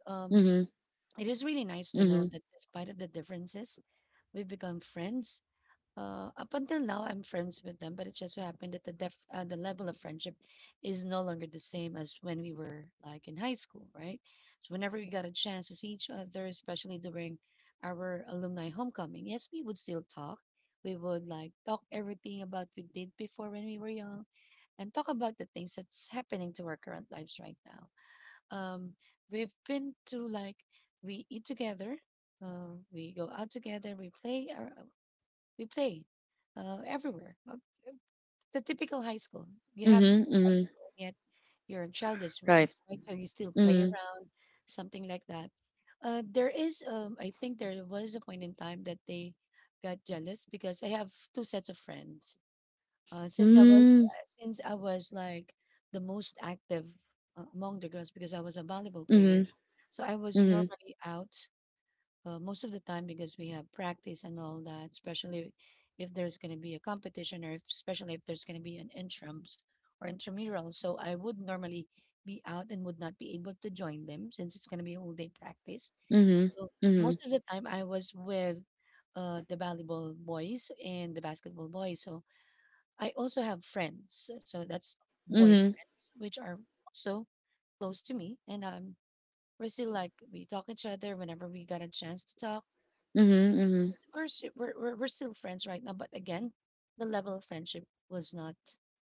A: um
B: Mhm,
A: it is really nice to know
B: mhm.
A: that despite of the differences, we've become friends. Uh, up until now, I'm friends with them, but it just so happened that the level of friendship is no longer the same as when we were like in high school, right? So whenever we got a chance to see each other, especially during our alumni homecoming, yes, we would still talk. We would like talk everything about we did before when we were young, and talk about the things that's happening to our current lives right now. Um, we've been to like. We eat together, we go out together, we play. Our. We play everywhere. The typical high school. You
B: Mhm,
A: haven't
B: mhm,
A: outgrown yet your childish
B: right.
A: ways, right? So you still play
B: Mhm.
A: around, something like that. There is, I think there was a point in time that they got jealous because I have two sets of friends.
B: Mm,
A: Since I was like the most active among the girls because I was a volleyball player,
B: mhm,
A: so I was
B: mhm,
A: normally out most of the time because we have practice and all that, especially if there's going to be a competition or if, especially if there's going to be an intrams or intramural. So I would normally be out and would not be able to join them since it's going to be all day practice.
B: mhm,
A: So
B: mhm,
A: most of the time I was with the volleyball boys and the basketball boys. So I also have friends. So that's
B: mhm,
A: boyfriends, which are also close to me. And we're still like, we talk each other whenever we got a chance to talk.
B: mhm, mhm.
A: We're s- we're we're we're still friends right now, but again, the level of friendship was not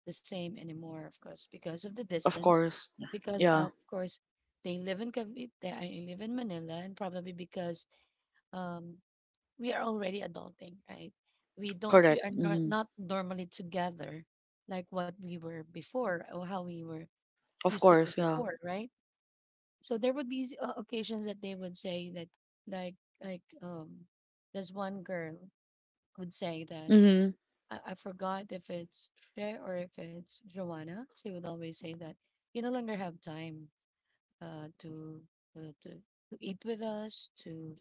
A: the same anymore, of course, because of the
B: Of
A: distance,
B: course.
A: because
B: Yeah,
A: of course they live in Cavite, I live in Manila, and probably because um we are already adulting, right? We
B: correct.
A: are not
B: Mhm.
A: not normally together like what we were before or how we were
B: Of
A: used to be
B: course, yeah.
A: before, right? So there would be occasions that they would say that, like like um there's one girl would say that.
B: Mhm,
A: I forgot if it's Cher or if it's Joanna. She would always say that you no longer have time to, to eat with us, to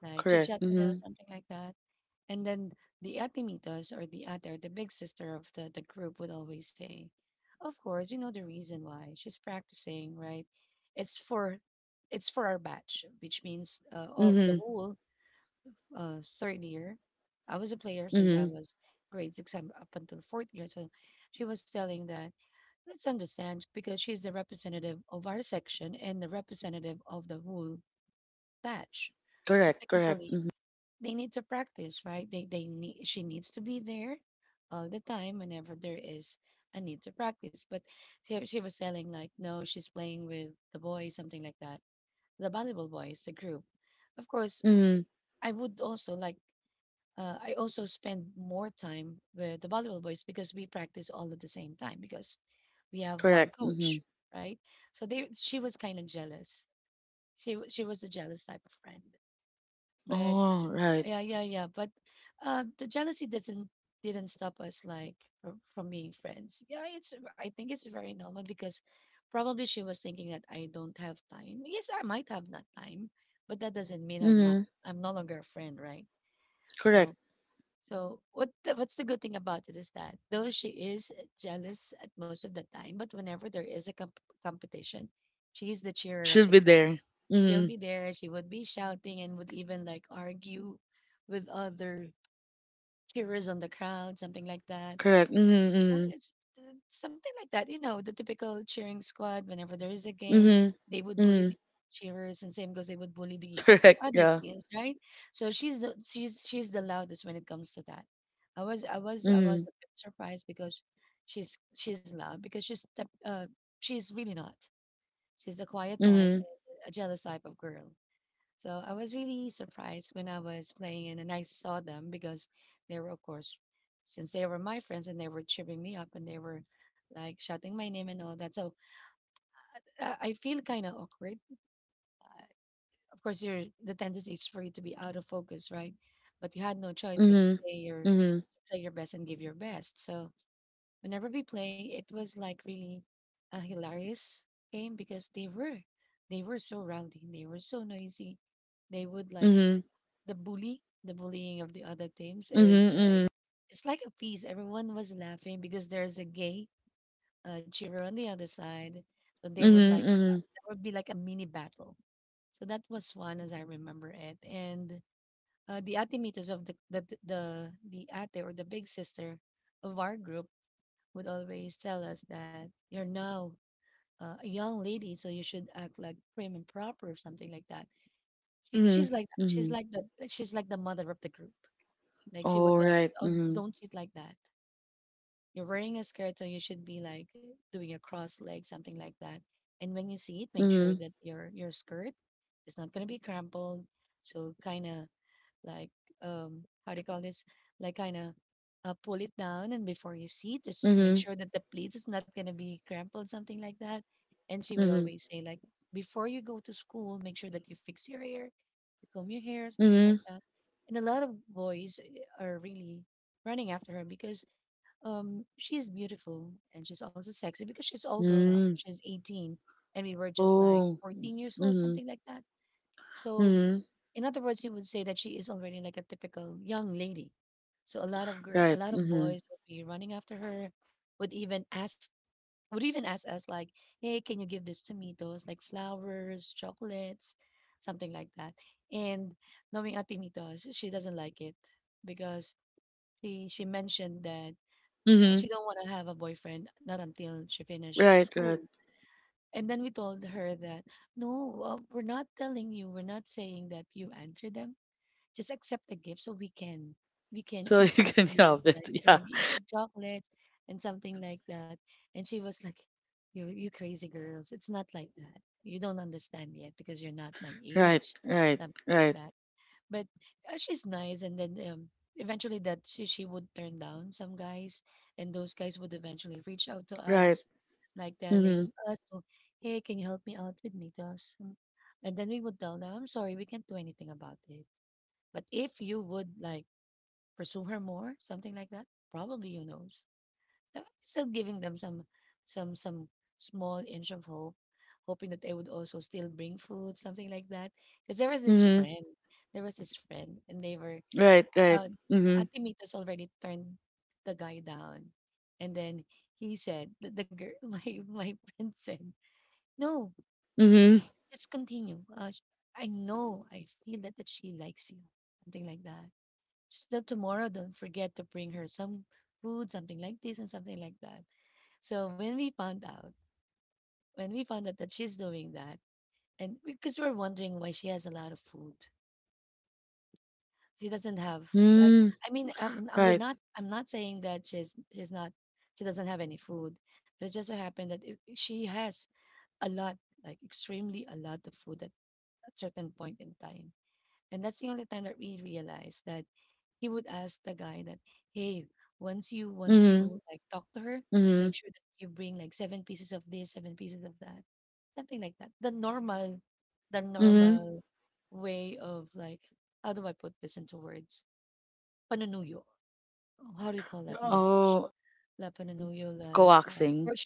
A: like chit
B: correct.
A: chat with us,
B: Mhm,
A: something like that. And then the atimitas or the ate or the big sister of the group would always say, "Of course, you know the reason why. She's practicing, right? It's for our batch, which means all the
B: mhm,
A: whole third year. I was a player since I
B: mhm,
A: was grade six up until fourth year. So she was telling that let's understand because she's the representative of our section and the representative of the whole batch. So
B: correct, correct.
A: technically,
B: Mhm,
A: they need to practice, right? They need she needs to be there all the time whenever there is a need to practice. But she was telling, like, no, she's playing with the boys, something like that, the volleyball boys, the group. Of course,
B: mhm,
A: I would also like I also spend more time with the volleyball boys because we practice all at the same time because we have one
B: correct.
A: coach,
B: Mhm.
A: right? So they she was kind of jealous. She was a jealous type of friend. But
B: Oh, right.
A: yeah, yeah, yeah. But the jealousy doesn't didn't stop us, like, from being friends. Yeah, it's I think it's very normal because probably she was thinking that I don't have time. Yes, I might have not time, but that doesn't mean
B: Mhm,
A: I'm no longer a friend, right? So
B: correct.
A: what's the good thing about it is that though she is jealous at most of the time, but whenever there is a competition, she's the cheerer of
B: She'll
A: the
B: be
A: crowd.
B: there.
A: She'll be
B: Mhm,
A: there. She would be shouting and would even like argue with other cheerers on the crowd, something like that.
B: correct. Mhm,
A: Right,
B: mhm,
A: it's uh, something like that, the typical cheering squad. Whenever there is a game,
B: mhm,
A: they would bully
B: mhm,
A: the cheerers, and same goes, they would bully the
B: correct.
A: other
B: Yeah.
A: teams, right? So she's the loudest when it comes to that. I was a
B: Mhm,
A: bit surprised because she's loud because she's really not. She's the quiet type,
B: mhm,
A: a jealous type of girl. So I was really surprised when I was playing, and I saw them because they were, of course, since they were my friends and they were cheering me up and they were like shouting my name and all that. So I feel kind of awkward. Of course, the tendency is for you to be out of focus, right? But you had no choice but to
B: mhm, mhm,
A: play your best and give your best. So whenever we play, it was like really a hilarious game because they were so rowdy, they were so noisy. They would like
B: mhm,
A: the bully, the bullying of the other teams is
B: mhm,
A: like
B: mhm,
A: it's like a piece. Everyone was laughing because there's a gay cheerer on the other side, so they would
B: mhm,
A: like
B: mhm,
A: there would be like a mini battle. So that was fun as I remember it. And the atimitas of the ate or the big sister of our group would always tell us that you're now a young lady, so you should act like prim and proper or something like that. She, she's
B: mhm,
A: like she's
B: mhm.
A: like the mother of the group. Like she would tell us,
B: Alright,
A: "Oh,
B: mhm,
A: don't sit like that. You're wearing a skirt, so you should be like doing a cross leg, something like that. And when you sit, make sure
B: mhm,
A: that your skirt is not gonna be crumpled. So kind of like how do you call this, like, kind of pull it down, and before you see, just make
B: mhm,
A: sure that the pleats is not going to be crumpled, something like that." And she would
B: mhm,
A: always say, like, before you go to school, make sure that you fix your hair, you comb your hair, something like
B: mhm,
A: that. And a lot of boys are really running after her because she's beautiful, and she's also sexy because she's all grown up.
B: mm.
A: She's 18 and we were just like
B: Oh,
A: 14 years old,
B: mhm,
A: something like that. So,
B: mhm,
A: in other words, you would say that she is already like a typical young lady. So a
B: right,
A: lot of boys
B: mhm,
A: would be running after her, would even ask, would even ask us like, "Hey, can you give this to me? Those like flowers, chocolates, something like that." And knowing Atimitos, she doesn't like it because she mentioned that she
B: mhm,
A: don't want to have a boyfriend not until she finish
B: right,
A: school.
B: right.
A: And then we told her that, no, we're not telling you, we're not saying that you answer them, just accept the gift so we can
B: So
A: eat
B: you
A: the
B: can
A: gift,
B: have
A: like,
B: that, yeah.
A: eat the chocolate and something like that. And she was like, You crazy girls, it's not like that. You don't understand yet because you're not my
B: Right,
A: age,"
B: right,
A: something like
B: right,
A: that. But she's nice. And then eventually that she would turn down some guys, and those guys would eventually reach out to
B: right,
A: us, like telling
B: mhm,
A: us to, "Hey, can you help me out with Mitos?" And then we would tell them, "I'm sorry, we can't do anything about it, but if you would like pursue her more, something like that, probably you knows." So, still giving them some small inch of hope, hoping that they would also still bring food, something like that. Because there was this
B: mhm,
A: friend, There was this friend, and they were
B: right, right,
A: uh,
B: mhm,
A: Ate Mita's already turned the guy down. And then he said the girl, my friend said, "No,
B: mhm,
A: just continue. I know, I feel that she likes you, something like that. Just that tomorrow don't forget to bring her some food, something like this and something like that." So when we found out that she's doing that, and because we're wondering why she has a lot of food, she doesn't have, like,
B: mm,
A: I mean, we're
B: right,
A: not I'm not saying that she doesn't have any food, but it just so happened that, she has a lot, like, extremely a lot of food at a certain point in time. And that's the only time that we realized that he would ask the guy that, hey, once
B: mhm,
A: you like talk to her, make
B: mhm,
A: sure that you bring like seven pieces of this, seven pieces of that, something like that. The
B: mhm.
A: normal way of, like, how do I put this into words? Panunuyo. How do you call that in English?
B: Oh,
A: La
B: thing.
A: panunuyo, like
B: Coaxing.
A: courtship,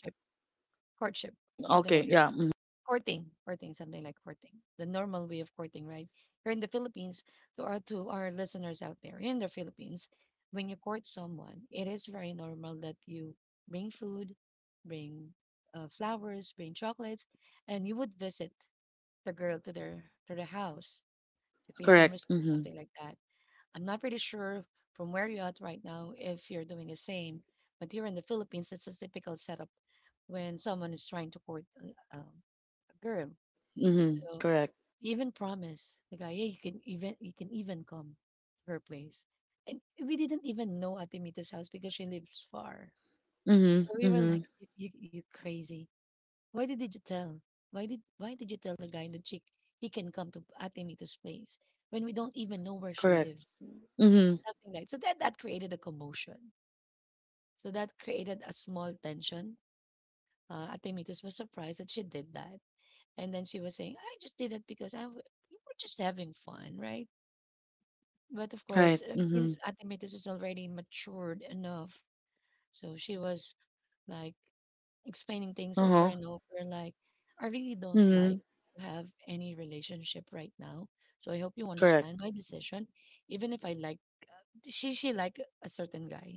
A: courtship,
B: Mm,
A: something like
B: okay,
A: that.
B: yeah, mhm,
A: Courting, something like courting, the normal way of courting, right? Here in the Philippines, to our listeners out there in the Philippines, when you court someone, it is very normal that you bring food, bring flowers, bring chocolates, and you would visit the girl to their house to pay some
B: correct,
A: respect, something
B: mhm,
A: like that. I'm not pretty sure from where you're at right now if you're doing the same, but here in the Philippines, it's a typical setup when someone is trying to court a girl.
B: mhm,
A: So
B: correct.
A: he even promised the guy, "Hey, you can even come to her place." And we didn't even know Ate house because she lives far. So
B: Mhm,
A: we were like,
B: mhm,
A: You crazy? Why did you tell? Why did you tell the guy in the chick he can come to Ate place when we don't even know where she
B: correct.
A: lives?"
B: Mhm,
A: Something like so that created a commotion. So that created a small tension. Ate was surprised that she did that. And then she was saying, I just did it because we were just having fun, right? But of course,
B: right.
A: since
B: Mhm.
A: Atimetis is already matured enough, so she was like explaining things over and
B: Uh-huh.
A: over, like, I really don't like
B: Mhm,
A: to have any relationship right now. So I hope you understand my
B: correct.
A: decision. Even if I like she like a certain guy.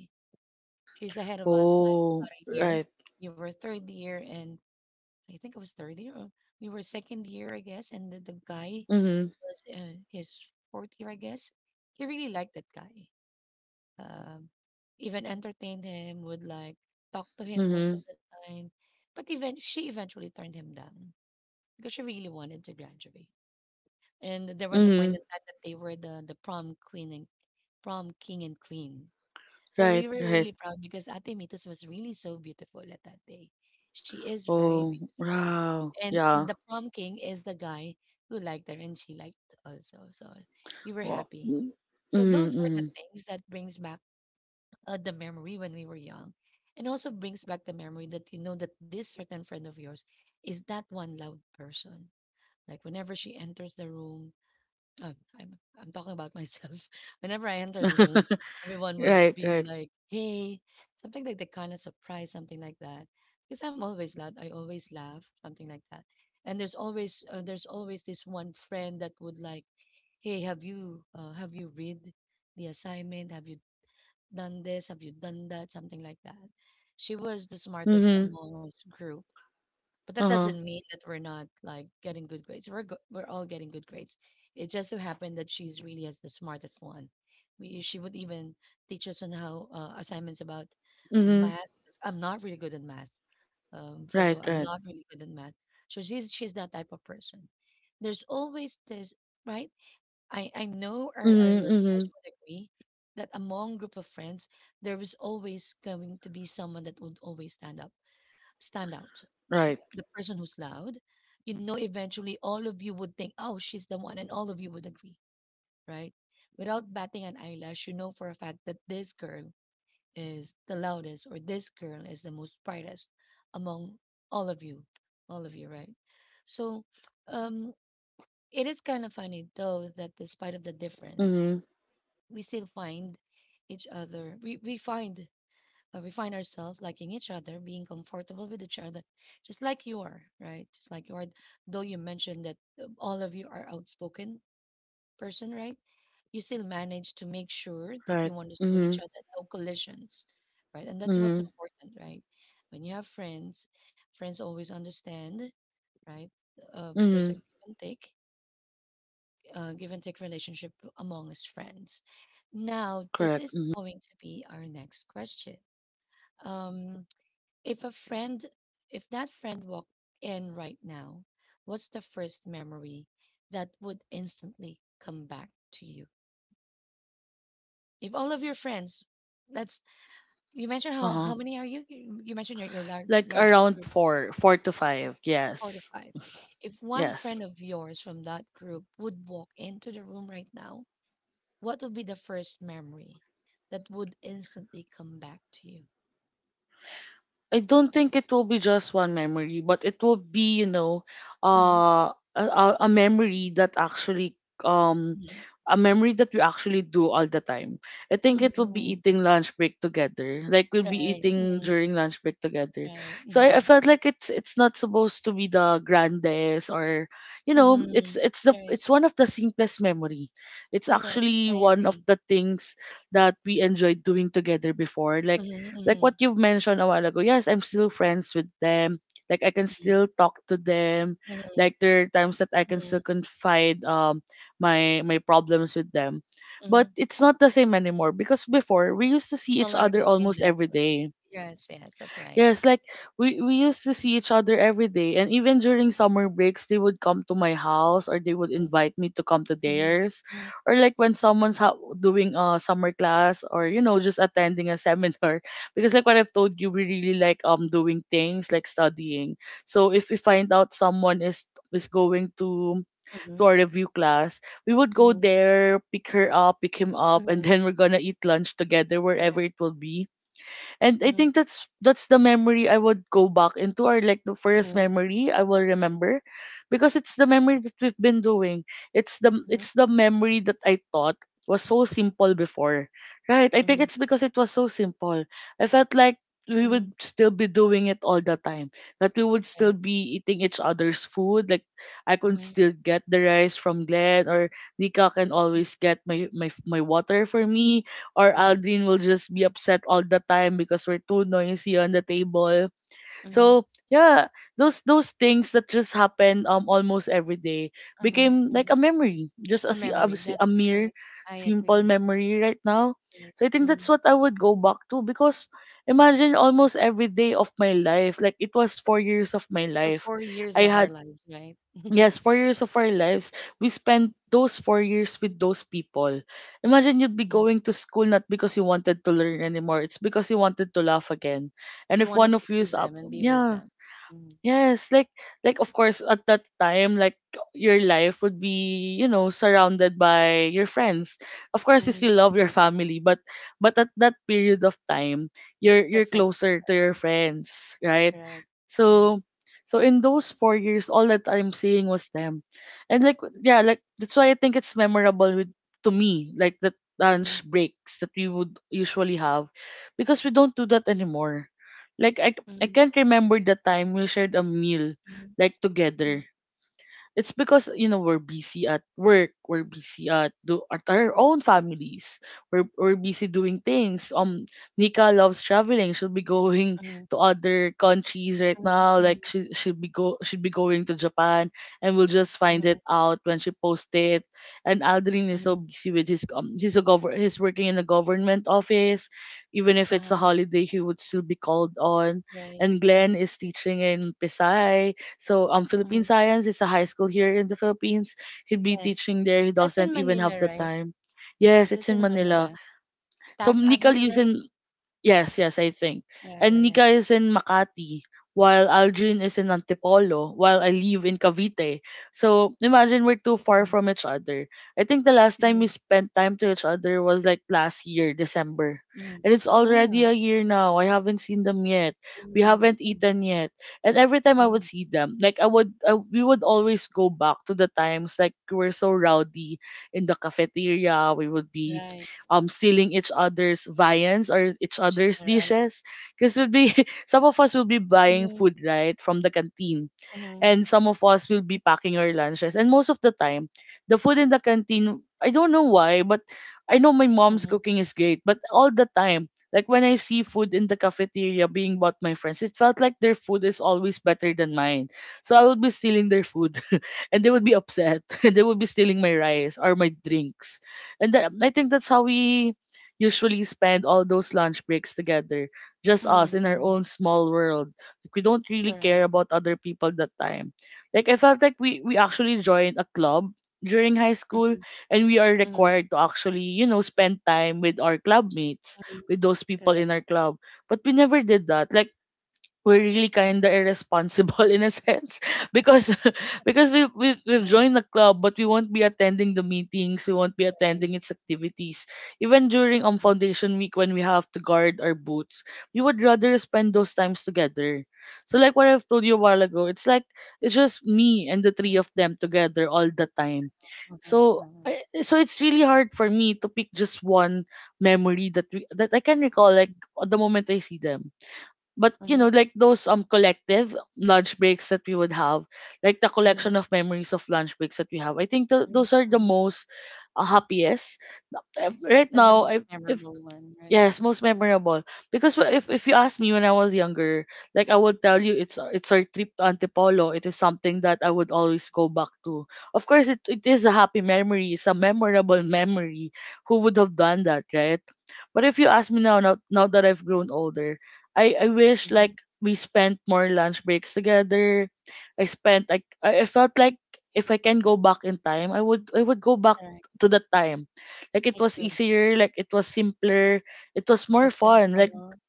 A: She's ahead of us like about
B: Oh,
A: a year.
B: right.
A: You were third year and I think it was third year or we were second year, I guess, and the guy
B: Mhm,
A: was in his fourth year, I guess. He really liked that guy. Um, even entertained him, would like talk to him most of
B: mhm,
A: the time. But even she eventually turned him down because she really wanted to graduate. And there was a point in
B: mhm,
A: time that they were the prom queen and prom king and queen. So we
B: right,
A: were really
B: right.
A: proud because Ate Mitos was really so beautiful at that day. She is very
B: Oh,
A: beautiful.
B: wow.
A: And the
B: Yeah.
A: prom king is the guy who liked her and she liked also. So we were
B: Wow.
A: happy.
B: Mm,
A: So those
B: mhm,
A: were the
B: mhm.
A: things that brings back the memory when we were young. And also brings back the memory that you know that this certain friend of yours is that one loud person. Like whenever she enters the room. Oh, I'm talking about myself. Whenever I enter the room, everyone would
B: Right,
A: be
B: right.
A: like, "Hey," something like that, kind of surprise, something like that. Because I'm always loud, I always laugh, something like that. And there's always this one friend that would like, "Hey, have you read the assignment? Have you done this? Have you done that?" Something like that. She was the smartest
B: Mhm,
A: among us group, but that doesn't
B: uh-huh.
A: mean that we're not like getting good grades. We're all getting good grades. It just so happened that she's really as the smartest one. She would even teach us on how assignments about math.
B: Mhm,
A: 'Cause I'm not really good at math. First of all,
B: right,
A: I'm not
B: right.
A: really good at math. So she's that type of person. There's always this, right? I know our
B: Mhm,
A: listeners
B: mhm,
A: would agree that among group of friends there was always going to be someone that would always stand out. Like
B: right.
A: the person who's loud, eventually all of you would think, oh, she's the one, and all of you would agree, right? Without batting an eyelash, you know for a fact that this girl is the loudest or this girl is the most brightest among all of you, all of you, right? So, um, it is kind of funny though that despite of the difference,
B: Mhm,
A: we still find each other. We find ourselves liking each other, being comfortable with each other, just like you are, right? Just like you are. Though you mentioned that all of you are outspoken person, right? You still manage to make sure that you
B: right.
A: understood each
B: Mhm,
A: other, no collisions, right? And that's what's
B: mhm,
A: important, right? When you have friends, friends always understand, right? There's a give
B: mhm,
A: and take, give and take relationship among us friends. Now, this is
B: correct. Mhm,
A: going to be our next question. Um, if a friend, if that friend walked in right now, what's the first memory that would instantly come back to you? If all of your friends, that's, you mentioned how
B: uh-huh.
A: many are you? You mentioned your large
B: Like
A: large group,
B: around four, four to
A: four
B: five.
A: four to
B: Yes,
A: five. If one friend
B: yes.
A: of yours from that group would walk into the room right now, what would be the first memory that would instantly come back to you?
B: I don't think it will be just one memory, but it will be, you know,
A: Mm-hmm.
B: a, a memory that actually, um, a memory that we actually do all the time. I think it will
A: Mm-hmm.
B: be eating lunch break together. Like we'll be
A: Right. Mm-hmm.
B: eating during lunch break together. So
A: Right.
B: I felt like it's not supposed to be the grandest, or, you know,
A: Mhm.
B: it's the
A: Right.
B: it's one of the simplest memory. It's
A: Correct. I
B: actually one
A: agree.
B: of the things that we enjoyed doing together before. Like
A: Mhm.
B: like
A: Mhm.
B: what you've mentioned a while ago, yes, I'm still friends with them. Like I can
A: Mhm.
B: still talk to them.
A: Mhm.
B: Like there are times that I can
A: Mhm.
B: still confide my my problems with them.
A: Mhm.
B: But it's not the same anymore because before we used to
A: No
B: see
A: longer
B: each
A: the
B: other
A: same
B: almost
A: level,
B: every
A: right?
B: day.
A: Yes. Yes. That's right.
B: Yes, like we used to see each other every day, and even during summer breaks, they would come to my house or they would
A: Mhm.
B: invite me to come to
A: Mhm.
B: theirs,
A: Mhm.
B: or like when someone's doing a summer class, or you know, just attending a seminar. Because like what I've told you, we really like doing things like studying. So if we find out someone is going to
A: Mhm.
B: to our review class, we would go
A: Mhm.
B: there, pick her up, pick him up, and
A: Mhm.
B: then we're gonna eat lunch together
A: Correct.
B: wherever it will be. And I
A: Mhm.
B: think that's the memory I would go back into, or like the first
A: Mhm.
B: memory I will remember, because it's the memory that we've been doing. it's the
A: Mhm.
B: it's the memory that I thought was so simple before. Right, I think
A: Mhm.
B: it's because it was so simple. I felt like we
A: Mhm.
B: would still be doing it all the time, that we would
A: Right.
B: still be eating each other's food. Like, I could
A: Mhm.
B: still get the rice from Glenn, or Nika can
A: Mhm.
B: always get my water for me, or
A: Mhm.
B: Aldrin will just be upset all the time because we're too noisy on the table. So yeah, those things that just happen almost every day
A: Mhm.
B: became
A: Mhm.
B: like a memory, just a
A: A
B: si- a,
A: memory.
B: si- a
A: That's
B: mere
A: correct. I
B: simple
A: agree.
B: memory right now.
A: Correct.
B: So I think that's
A: Mhm.
B: what I would go back to, because imagine almost every day of my life, like it was 4 years of my
A: For
B: life.
A: 4 years
B: I
A: of
B: had
A: our lives, right?
B: Yes, 4 years of our lives, we spent those 4 years with those people. Imagine you'd be
A: Mhm.
B: going to school not because you wanted to learn anymore, it's because you wanted to laugh again. And
A: You
B: if one
A: wanted
B: of
A: to
B: you is
A: see
B: up,
A: them and be with
B: yeah.
A: them. Mhm.
B: Yes, like of course at that time, like your life would be, you know, surrounded by your friends. Of course you still
A: Mhm.
B: love your family, but at that period of time, you're
A: It's
B: you're
A: different.
B: closer to your friends, right?
A: Correct.
B: So,
A: Correct.
B: in those 4 years all that I'm seeing was them. And like yeah, like that's why I think it's memorable with to me, like the lunch
A: Mhm.
B: breaks that we would usually have, because we don't do that anymore. Like I
A: Mhm.
B: can't remember the time we shared a meal
A: Mhm.
B: like together. It's because you know we're busy at work, we're busy at our own families, we're busy doing things. Nika loves traveling. She'll be going
A: Mhm.
B: to other countries right
A: Mhm.
B: now.
A: Mhm.
B: Like
A: Mhm.
B: she'll be going to Japan, and we'll just
A: Mhm.
B: find it out when she posts it. And Aldrin is so
A: Mhm.
B: busy with his he's working in a government office. Even if it's a
A: Uh-huh.
B: holiday, he would still be called on.
A: Right.
B: And Glenn
A: Mhm.
B: is teaching in Pisay. So Philippine
A: Mhm.
B: Science is a high school here in the Philippines. He'd be
A: Yes.
B: teaching there. He
A: That's
B: doesn't
A: in
B: even have
A: Manila,
B: the
A: right?
B: time. Yes, it's
A: That's
B: in
A: in
B: Manila.
A: Manila.
B: So
A: Taft
B: Nika
A: Avenue,
B: lives
A: right?
B: in. Yes, yes, I think.
A: Yeah,
B: And
A: yeah, yeah.
B: Nika is in Makati, while Algin is in Antipolo, while I live in Cavite. So imagine we're too far
A: Mhm.
B: from each other. I think the last time we
A: Mhm.
B: spent time to each other was like last year, December.
A: Mhm.
B: And it's already
A: Mhm.
B: a year now. I haven't seen them yet. We
A: Mhm.
B: haven't
A: Mhm.
B: eaten yet. And every time I would
A: Mhm.
B: see them, like we would always go back to the times like we were so rowdy in the cafeteria. We would be
A: Right.
B: stealing each other's viands or each
A: Station,
B: other's
A: right?
B: dishes, because we'll be some of us will be buying
A: Mhm.
B: food right from the canteen,
A: Mhm.
B: and some of us will be packing our lunches. And most of the time, the food in the canteen, I don't know why, but I know my mom's
A: Mhm.
B: cooking is great, but all the time, like when I see food in the cafeteria being bought my friends, it felt like their food is always better than mine. So I would be stealing their food, and they would be upset, and they would be stealing my rice or my drinks. And I think that's how we usually spend all those lunch breaks together, just
A: Mhm.
B: us in our
A: Mhm.
B: own small world. Like we don't really
A: Correct.
B: care about other people that time. Like I felt like we actually joined a club during high school,
A: Mhm.
B: and we are
A: Mhm.
B: required to actually, you know, spend time with our club mates,
A: Mhm.
B: with those people
A: Correct.
B: in our club. But we never did that. Like we're really kind of irresponsible in a sense, because because we've
A: Mhm.
B: joined the club, but we won't be attending the meetings, we won't be
A: Right.
B: attending its activities, even during
A: Mhm.
B: foundation week when we have to guard our boots. We would rather spend those times together. So like what I've told you a while ago, it's like it's just me and the three
A: Mhm.
B: of them together all the time.
A: Mhm.
B: So
A: Mhm.
B: so it's really hard for me to pick just one memory that I can recall like at the moment I see them. But you know,
A: Mhm.
B: like those collective lunch breaks that we would have, like the
A: Mhm.
B: collection of memories of lunch breaks that we have. I think
A: Mhm,
B: those are the
A: mhm.
B: most, happiest. Right
A: Then the
B: now.
A: most
B: I, if
A: memorable one, right?
B: Yes, most memorable. Because if you ask me when I was younger, like I would tell you it's our trip to Antipolo. It is something that I would always go back to. Of course, it is a happy memory. It's a memorable memory. Who would have done that, right? But if you ask me now that I've grown older, I wish
A: Mhm,
B: like we spent more lunch breaks together. I spent like I felt like if I can go back in time, I would go back
A: correct.
B: to that time. Like it
A: Me
B: was
A: too.
B: easier, like it was simpler, it was
A: It
B: more
A: was
B: fun. Like,
A: simple.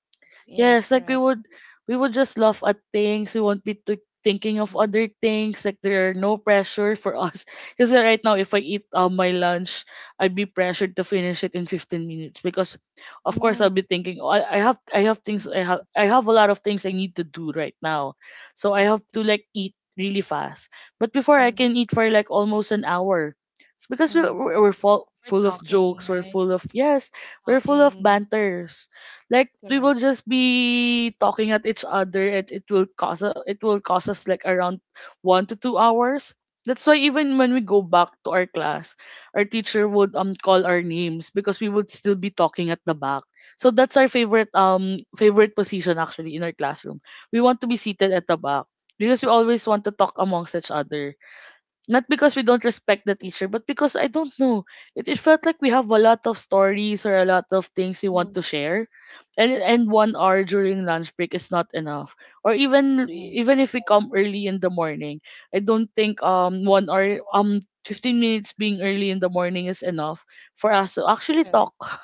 A: Yes,
B: yes, like we
A: correct.
B: would we would just laugh at things. We won't be thinking of
A: Mhm,
B: other things. Like there are
A: correct.
B: no pressure for us. Because right now, if I eat my lunch, I'd be pressured to finish it in 15 minutes. Because of course I'll be
A: Mhm,
B: thinking, oh, I have things
A: mhm, mhm.
B: I have a lot of things I need to do right now. So I
A: Correct,
B: have to
A: correct.
B: like eat really fast. But before I
A: Mhm,
B: can eat for like almost an hour. It's because we
A: mhm.
B: we're, we're full
A: We're
B: full of
A: talking,
B: jokes. We're
A: right?
B: full of, yes. We're full of
A: Talking.
B: banters, like we will
A: Correct.
B: just be talking at each other, and it will cause us like around 1 to 2 hours. That's why even when we go back to our class, our teacher would call our names, because we would still be talking at the back. So that's our favorite position actually in our classroom. We want to be seated at the back, because we always want to talk amongst each other, not because we don't respect the teacher, but because I don't know. It felt like we have a lot of stories or a lot of things we
A: Mhm,
B: want to share, and 1 hour during lunch break is not enough. Or
A: mhm.
B: even if we
A: Right.
B: come early in the morning, I don't think
A: Mhm,
B: 1 hour 15 minutes being early in the morning is enough for us to actually
A: correct.
B: talk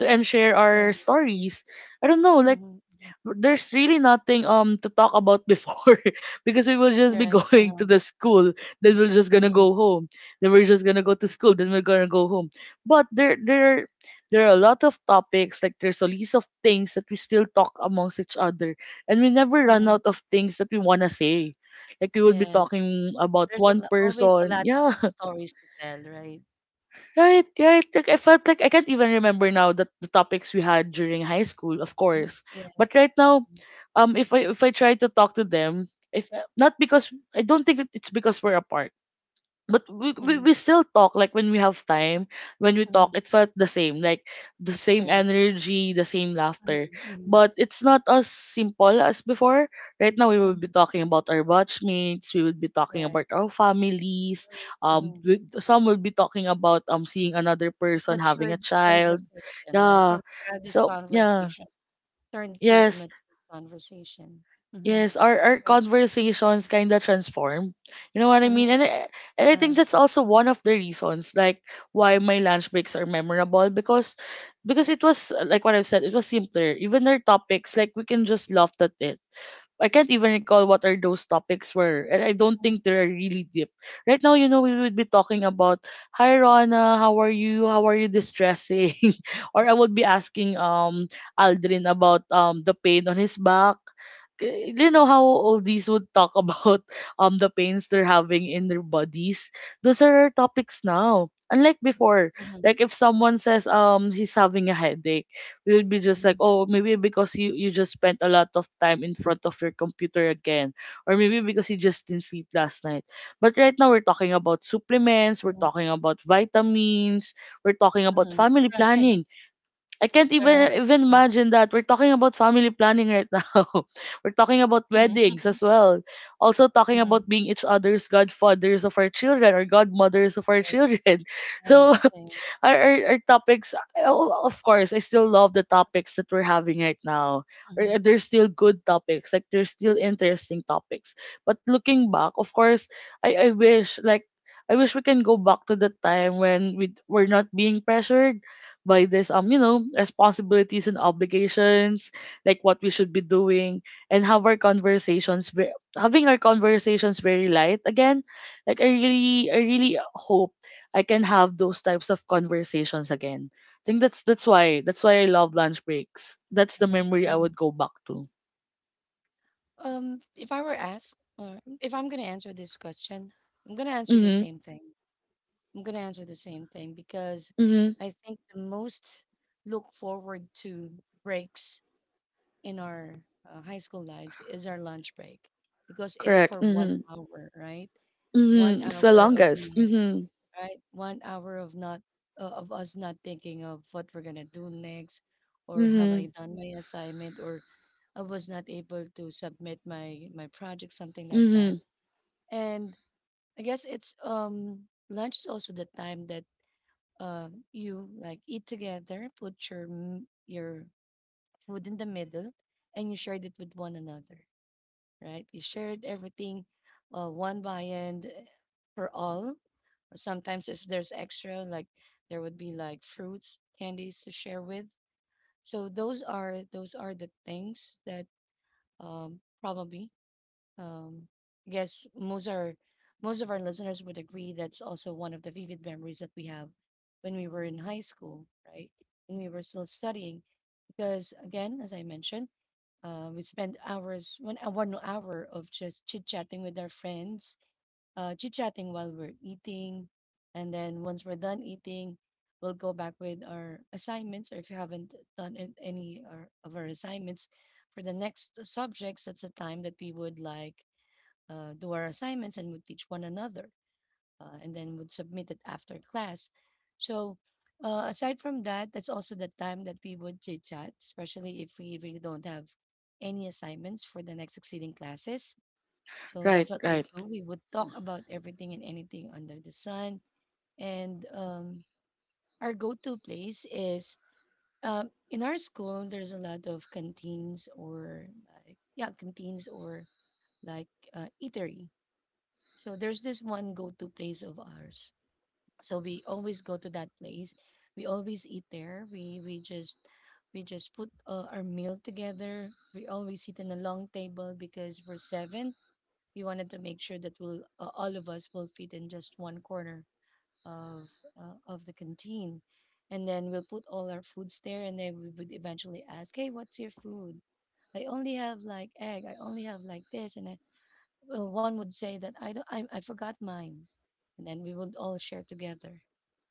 B: to and share
A: Correct.
B: our stories. I don't know, like
A: Mhm, mhm.
B: there's really nothing to talk about before, because we will just be
A: Right.
B: going
A: Uh-huh.
B: to the school, then we're just gonna
A: Mhm,
B: go home, then we're just gonna go to school, then we're gonna go home. But there are a lot of topics, like there's a list of things that we still talk amongst each other, and we never run
A: mhm.
B: out of things that we want to say. Like we would be
A: Yes.
B: talking about
A: There's
B: one
A: always a
B: person,
A: lot of
B: yeah.
A: stories to tell, right?
B: Right, right. Like I felt like I can't even remember now that the topics we had during high school, of
A: Mhm,
B: course.
A: yes.
B: But right now, if I try to talk to them, if not because I don't think it's because we're apart, but we, we
A: Mhm,
B: we still talk like when we have time. When we talk,
A: mhm.
B: it felt the same, like the same
A: Correct.
B: energy, the same laughter.
A: Mhm,
B: But it's not as simple as before. Right now we will be
A: mhm.
B: talking about our batchmates, we will be talking about
A: Correct.
B: our families.
A: Mhm. Mhm.
B: Some will be talking about seeing another person having a
A: Matured
B: child,
A: conversation, right?
B: yeah,
A: From childish
B: so yeah,
A: conversation turned to a
B: yes.
A: matured conversation. Mhm.
B: Yes, our
A: Right?
B: conversations kind of transform. You know what I mean?
A: Mhm.
B: And I think
A: Yeah.
B: that's also one of the reasons, like why
A: Mhm.
B: my lunch breaks are memorable. Because it was, like what I've said, it was simpler. Even their topics, like we can just laugh at it. I can't even recall what are those topics were, and I don't think
A: Mhm.
B: they're really deep. Right now, you know, we would be talking about, "Hi Rona, how are you? How are you distressing?" or I would be asking Aldrin about the pain on his back. You know how all these would talk about the pains they're having in their bodies. Those are our topics now. Unlike before,
A: Mhm.
B: like if someone says he's having a headache, you'll be just like, oh, maybe because you just spent a lot of time in front of your computer again, or maybe because you just didn't sleep last night. But right now we're talking about supplements,
A: Mhm.
B: we're talking about vitamins, we're talking about
A: Mhm.
B: family
A: Right.
B: planning. I can't
A: Correct.
B: even
A: Right.
B: imagine that we're talking about family planning right now. we're talking about
A: Mhm.
B: weddings
A: Mhm.
B: as well. Also talking
A: Mhm.
B: about being each other's godfathers of our children or godmothers of our
A: Correct.
B: children.
A: Same,
B: So
A: same.
B: our topics, oh, of course I still love the topics that we're having right now,
A: Mhm.
B: or they're still good topics, like they're still interesting topics. But looking back, of course, I wish like I wish we can go back to the time when we were not being pressured by this you know responsibilities and obligations, like what we should be doing, and have our conversations ve- having our conversations very light again. Like I really hope I can have those types of conversations again. I think that's why I love lunch breaks. That's the
A: Mhm.
B: memory I
A: Mhm.
B: would go back to.
A: If I were asked, or if I'm gonna answer this question, I'm gonna answer the
B: Mhm.
A: same thing. I'm gonna answer the same thing because
B: Mhm.
A: I think the most look forward to breaks in our high school lives is our lunch break because it's
B: Correct.
A: for one
B: Mhm.
A: hour, right? One
B: Mhm. It's the
A: hour of
B: longest.
A: not,
B: Mhm.
A: right? 1 hour of not of us not thinking of what we're gonna do next, or have I
B: Mhm.
A: done my assignment, or I was not able to submit my project, something like that.
B: Mhm.
A: And I guess it's lunch is also the time that you like eat together, put your food in the middle, and you shared it with one another, right? You shared everything, one viand for all. Or sometimes if there's extra, like there would be like fruits, candies to share with. So those are the things that probably um, yes, most of our listeners would agree that's also one of the vivid memories that we have when we were in high school, right? When we were still studying, because again, as I mentioned, we spent hours one 1 hour of just chit chatting with our friends, chit chatting while we're eating, and then once we're done eating, we'll go back with our assignments, or if you haven't done any of our assignments for the next subjects, that's the time that we would like do our assignments and would teach one another and then would submit it after class. So, aside from that, that's also the time that we would chit chat, especially if we really don't have any assignments for the next succeeding classes. So,
B: Right,
A: that's what we
B: right.
A: do. We would talk about everything and anything under the sun. And our go to place is, in our school, there's a lot of canteens or, like, yeah, canteens or like eatery, so there's this one go-to place of ours. So we always go to that place. We always eat there. We just put our meal together. We always sit in a long table because we're seven. We wanted to make sure that we'll all of us will fit in just one corner of of the canteen, and then we'll put all our foods there. And then we would eventually ask, "Hey, what's your food? I only have like egg. I only have like this, and I one would say that I don't, I forgot mine," and then we would all share together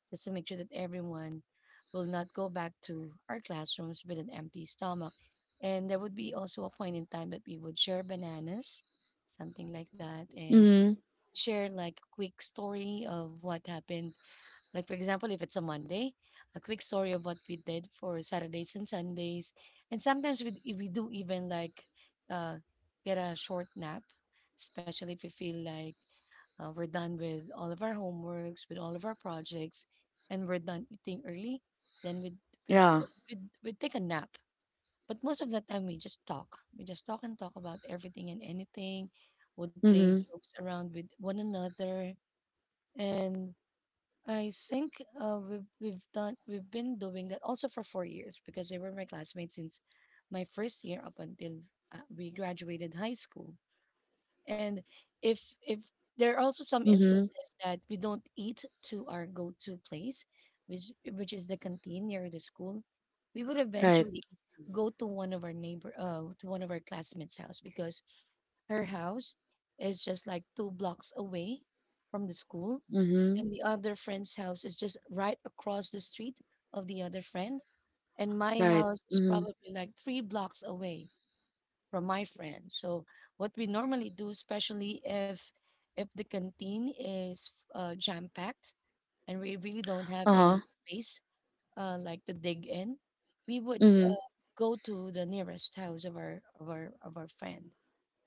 A: just to make sure that everyone will not go back to our classrooms with an empty stomach. And there would be also a point in time that we would share bananas, something like that, and
B: Mhm.
A: share like a quick story of what happened, like, for example, if it's a Monday, a quick story of what we did for Saturdays and Sundays. And sometimes we do even like uh, get a short nap, especially if we feel like we're done with all of our homeworks, with all of our projects, and we're done eating early, then we'd, we'd, uh,
B: Yeah.
A: we'd, we'd take a nap. But most of the time, we just talk. We just talk and talk about everything and anything, would play
B: Mhm.
A: jokes around with one another. And I think we've been doing that also for 4 years because they were my classmates since my first year up until we graduated high school. And if if there are also some
B: Mhm.
A: instances that we don't eat to our go-to place, which is the canteen near the school, we would
B: Right.
A: eventually go to one of our classmates' house because her house is just like 2 blocks away from the school
B: Mhm.
A: and the other friend's house is just right across the street of the other friend. And my
B: Right.
A: house is
B: Mhm.
A: probably like 3 blocks away from my friend. So what we normally do, especially if the canteen is jam packed and we really don't have any
B: Uh-huh.
A: space like to dig in, we would
B: Mhm.
A: go to the nearest house of our friend,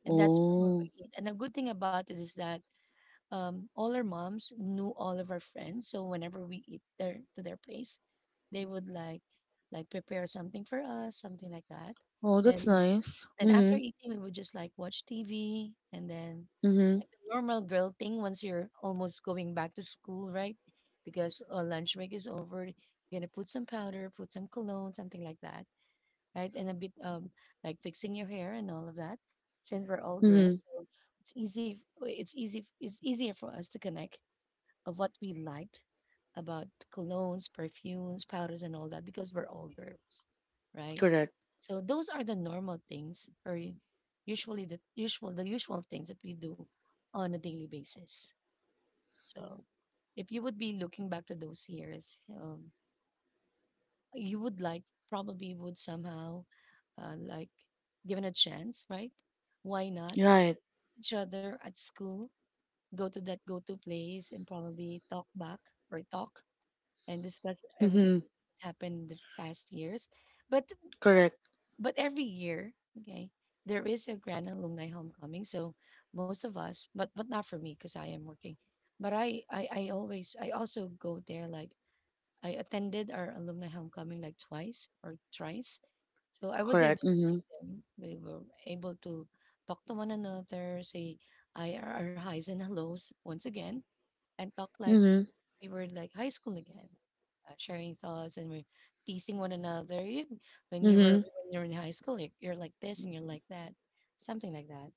A: and that's what we
B: Oh.
A: would eat. And the good thing about it is that all our moms knew all of our friends. So whenever we eat their to their place, they would like prepare something for us, something like that.
B: Oh, that's
A: And
B: nice.
A: then after
B: Mhm.
A: eating, we would just like watch TV and then like
B: Mhm.
A: the normal girl thing once you're almost going back to school, right? Because lunch break is over, you're gonna put some powder, put some cologne, something like that right? And a bit like fixing your hair and all of that. Since we're all girls,
B: Mhm.
A: so it's easy. It's easy. It's easier for us to connect of what we liked about colognes, perfumes, powders, and all that because we're all girls, right?
B: Correct.
A: So those are the normal things, or usually the usual things that we do on a daily basis. So if you would be looking back to those years, you would like probably would somehow like given a chance, right? Why not
B: Right.
A: each other at school go to that go-to place and probably talk back or talk and discuss everything
B: Mhm.
A: that happened in the past years. But
B: Correct.
A: but every year, okay, there is a grand alumni homecoming. So most of us, but not for me because I am working. But I also go there like I attended our alumni homecoming like twice or thrice so I was able
B: Correct.
A: to see
B: Mhm.
A: them. We were able to talk to one another, say I are our highs and hellos once again, and talk like
B: Mhm.
A: we were like high school again, sharing thoughts and we're teasing one another. You, when you were
B: Mhm.
A: when you're in high school, like, you're like this and you're like that, something like that.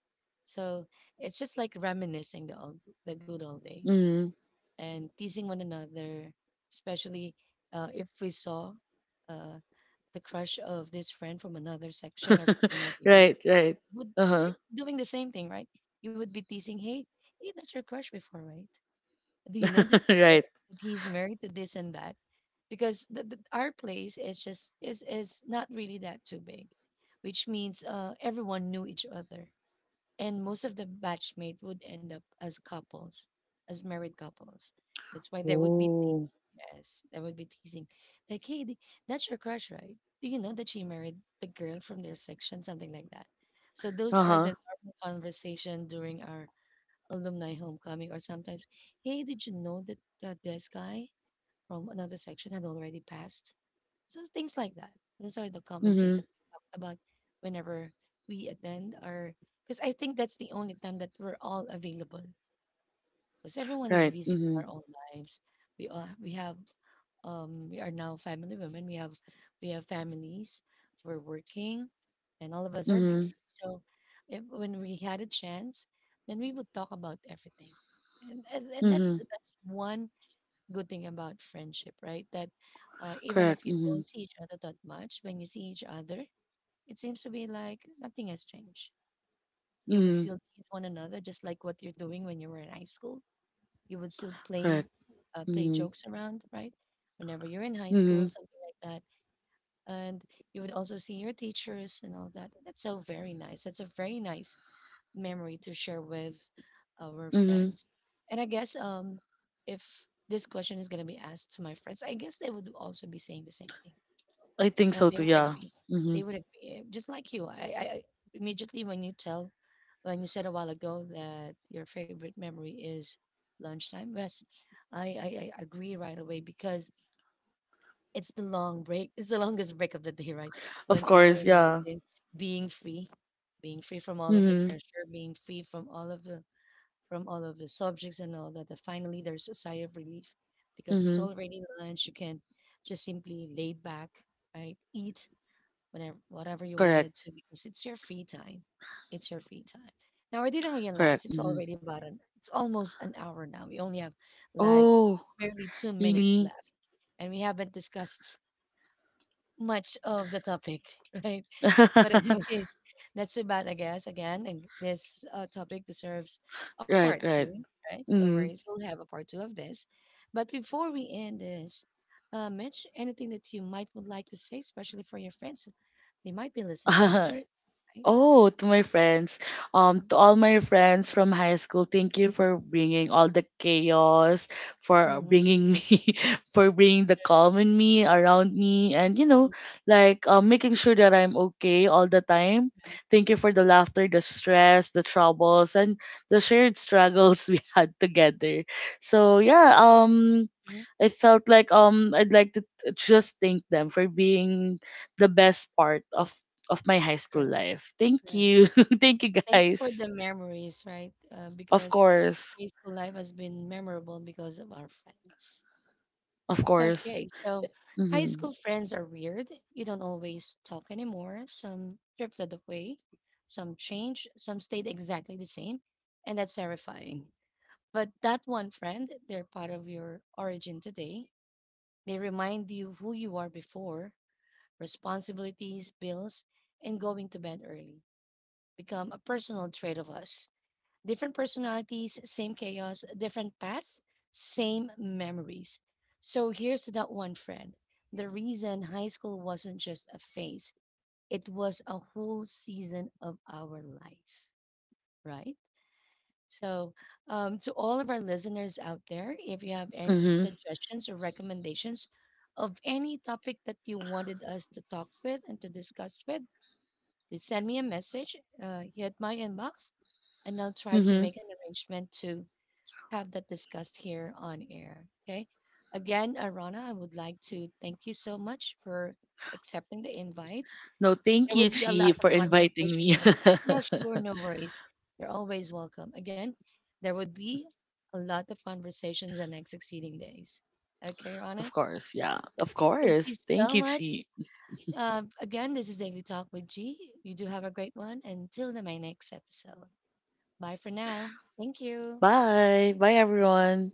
A: So it's just like reminiscing the old, the good old days
B: Mhm.
A: and teasing one another, especially if we saw. Uh, the crush of this friend from another section or from another year
B: Right, right.
A: would
B: Uh-huh.
A: doing the same thing, right? You would be teasing, hey, hey, that's your crush before, right? Do you know that she's married,
B: Right.
A: that he's married to this and that? Because our place is just is not really that too big, which means everyone knew each other and most of the batchmate would end up as couples, as married couples. That's why there would be te-
B: Oh.
A: yes, there would be teasing, like, "Hey, that's your crush, right? Do you know that she married the girl from their section, something like that?" So those are
B: Uh-huh.
A: the normal conversation during our alumni homecoming, or sometimes, "Hey, did you know that this guy from another section had already passed?" So things like that. Those are the common things
B: Mm-hmm.
A: that we talked about whenever we attend or because I think that's the only time that we're all available. Because everyone is
B: Right.
A: busy
B: Mm-hmm.
A: with our own lives. We have we are now family women. We have families, we're working, and all of us are
B: Mm-hmm.
A: busy. So if, when we had a chance, then we would talk about everything. And that's
B: Mm-hmm.
A: that's one good thing about friendship, right? That even if
B: Correct.
A: you
B: Mm-hmm.
A: don't see each other that much, when you see each other, it seems to be like nothing has changed. You would
B: Mm-hmm.
A: still tease one another, just like what you're doing when you were in high school. You would still play,
B: Correct.
A: play
B: Mm-hmm.
A: jokes around, right? Whenever you're in high
B: Mm-hmm.
A: school, something like that, and you would also see your teachers and all that. That's so very nice. That's a very nice memory to share with our
B: Mm-hmm.
A: friends. And I guess if this question is going to be asked to my friends, I guess they would also be saying the same thing.
B: I think so
A: They
B: too,
A: would
B: yeah.
A: agree.
B: Mm-hmm.
A: They would agree. Just like you, immediately when you tell, when you said a while ago that your favorite memory is lunchtime, yes, I agree right away because it's the long break. It's the longest break of the day, right?
B: Of
A: 1 hour.
B: course, yeah.
A: Imagine being free, being free from all of the
B: Mm-hmm.
A: pressure, being free from all of the from all of the subjects and all that. Finally, there's a sigh of relief because it's
B: Mm-hmm.
A: already lunch. You can just simply lay back, right? Eat whatever you
B: Correct.
A: wanted to because it's your free time. It's your free time. Now I didn't realize
B: Correct.
A: it's
B: Mm-hmm.
A: already about an it's almost an hour now. We only have like
B: Oh,
A: barely 2 minutes
B: really?
A: left, and we haven't discussed much of the topic, right? But anyways, not too bad, I guess. Again, and this topic deserves a
B: Right,
A: part
B: right.
A: two, right? No
B: Mm-hmm.
A: worries, we'll have a part two of this. But before we end this, Mitch, anything that you might would like to say, especially for your friends, they might be listening right now, right?
B: Oh, to my friends,
A: Mm-hmm.
B: to all my friends from high school, thank you for bringing all the chaos, for bringing me, for bringing the calm in me, around me, and you know, making sure that I'm okay all the time.
A: Right.
B: Thank you for the laughter, the stress, the troubles, and the shared struggles we had together. So yeah,
A: Hmm.
B: I felt like I'd like to just thank them for being the best part of my high school
A: Correct.
B: life. Thank
A: Correct.
B: you. thank you
A: Thank you for
B: guys.
A: the memories, right?
B: Of
A: Because
B: course.
A: high school life has been memorable because of our friends.
B: Of course.
A: Okay, so high
B: Mhm.
A: school friends are weird. You don't always talk anymore. Some drifted away, some changed, some stayed exactly the same, and that's terrifying. But that one friend, they're part of your origin today. They remind you who you are before, responsibilities, bills, and going to bed early become a personal trait of us. Different personalities, same chaos, different paths, same memories. So here's to that one friend. The reason high school wasn't just a phase, it was a whole season of our life, right? So, to all of our listeners out there, if you have any
B: Mhm.
A: suggestions or recommendations of any topic that you wanted us to talk with and to discuss with, please send me a message here at my inbox, and I'll try to
B: Mhm.
A: make an arrangement to have that discussed here on air. Okay. Again, Arana, I would like to thank you so much for accepting the invites.
B: No, thank
A: There
B: you
A: would be a
B: Chi
A: lot
B: for
A: of
B: inviting
A: conversation
B: me.
A: in the future. Yeah, sure, no worries. You're always welcome. Again, there would be a lot of conversations the next succeeding days. Okay,
B: of
A: Rana,
B: course. Yeah. Of
A: thank you
B: course. Thank
A: so
B: you
A: much.
B: Chi.
A: Again, this is Daily Talk with G. You do have a great one. Until my next episode. Bye for now. Thank you.
B: Bye. Bye everyone.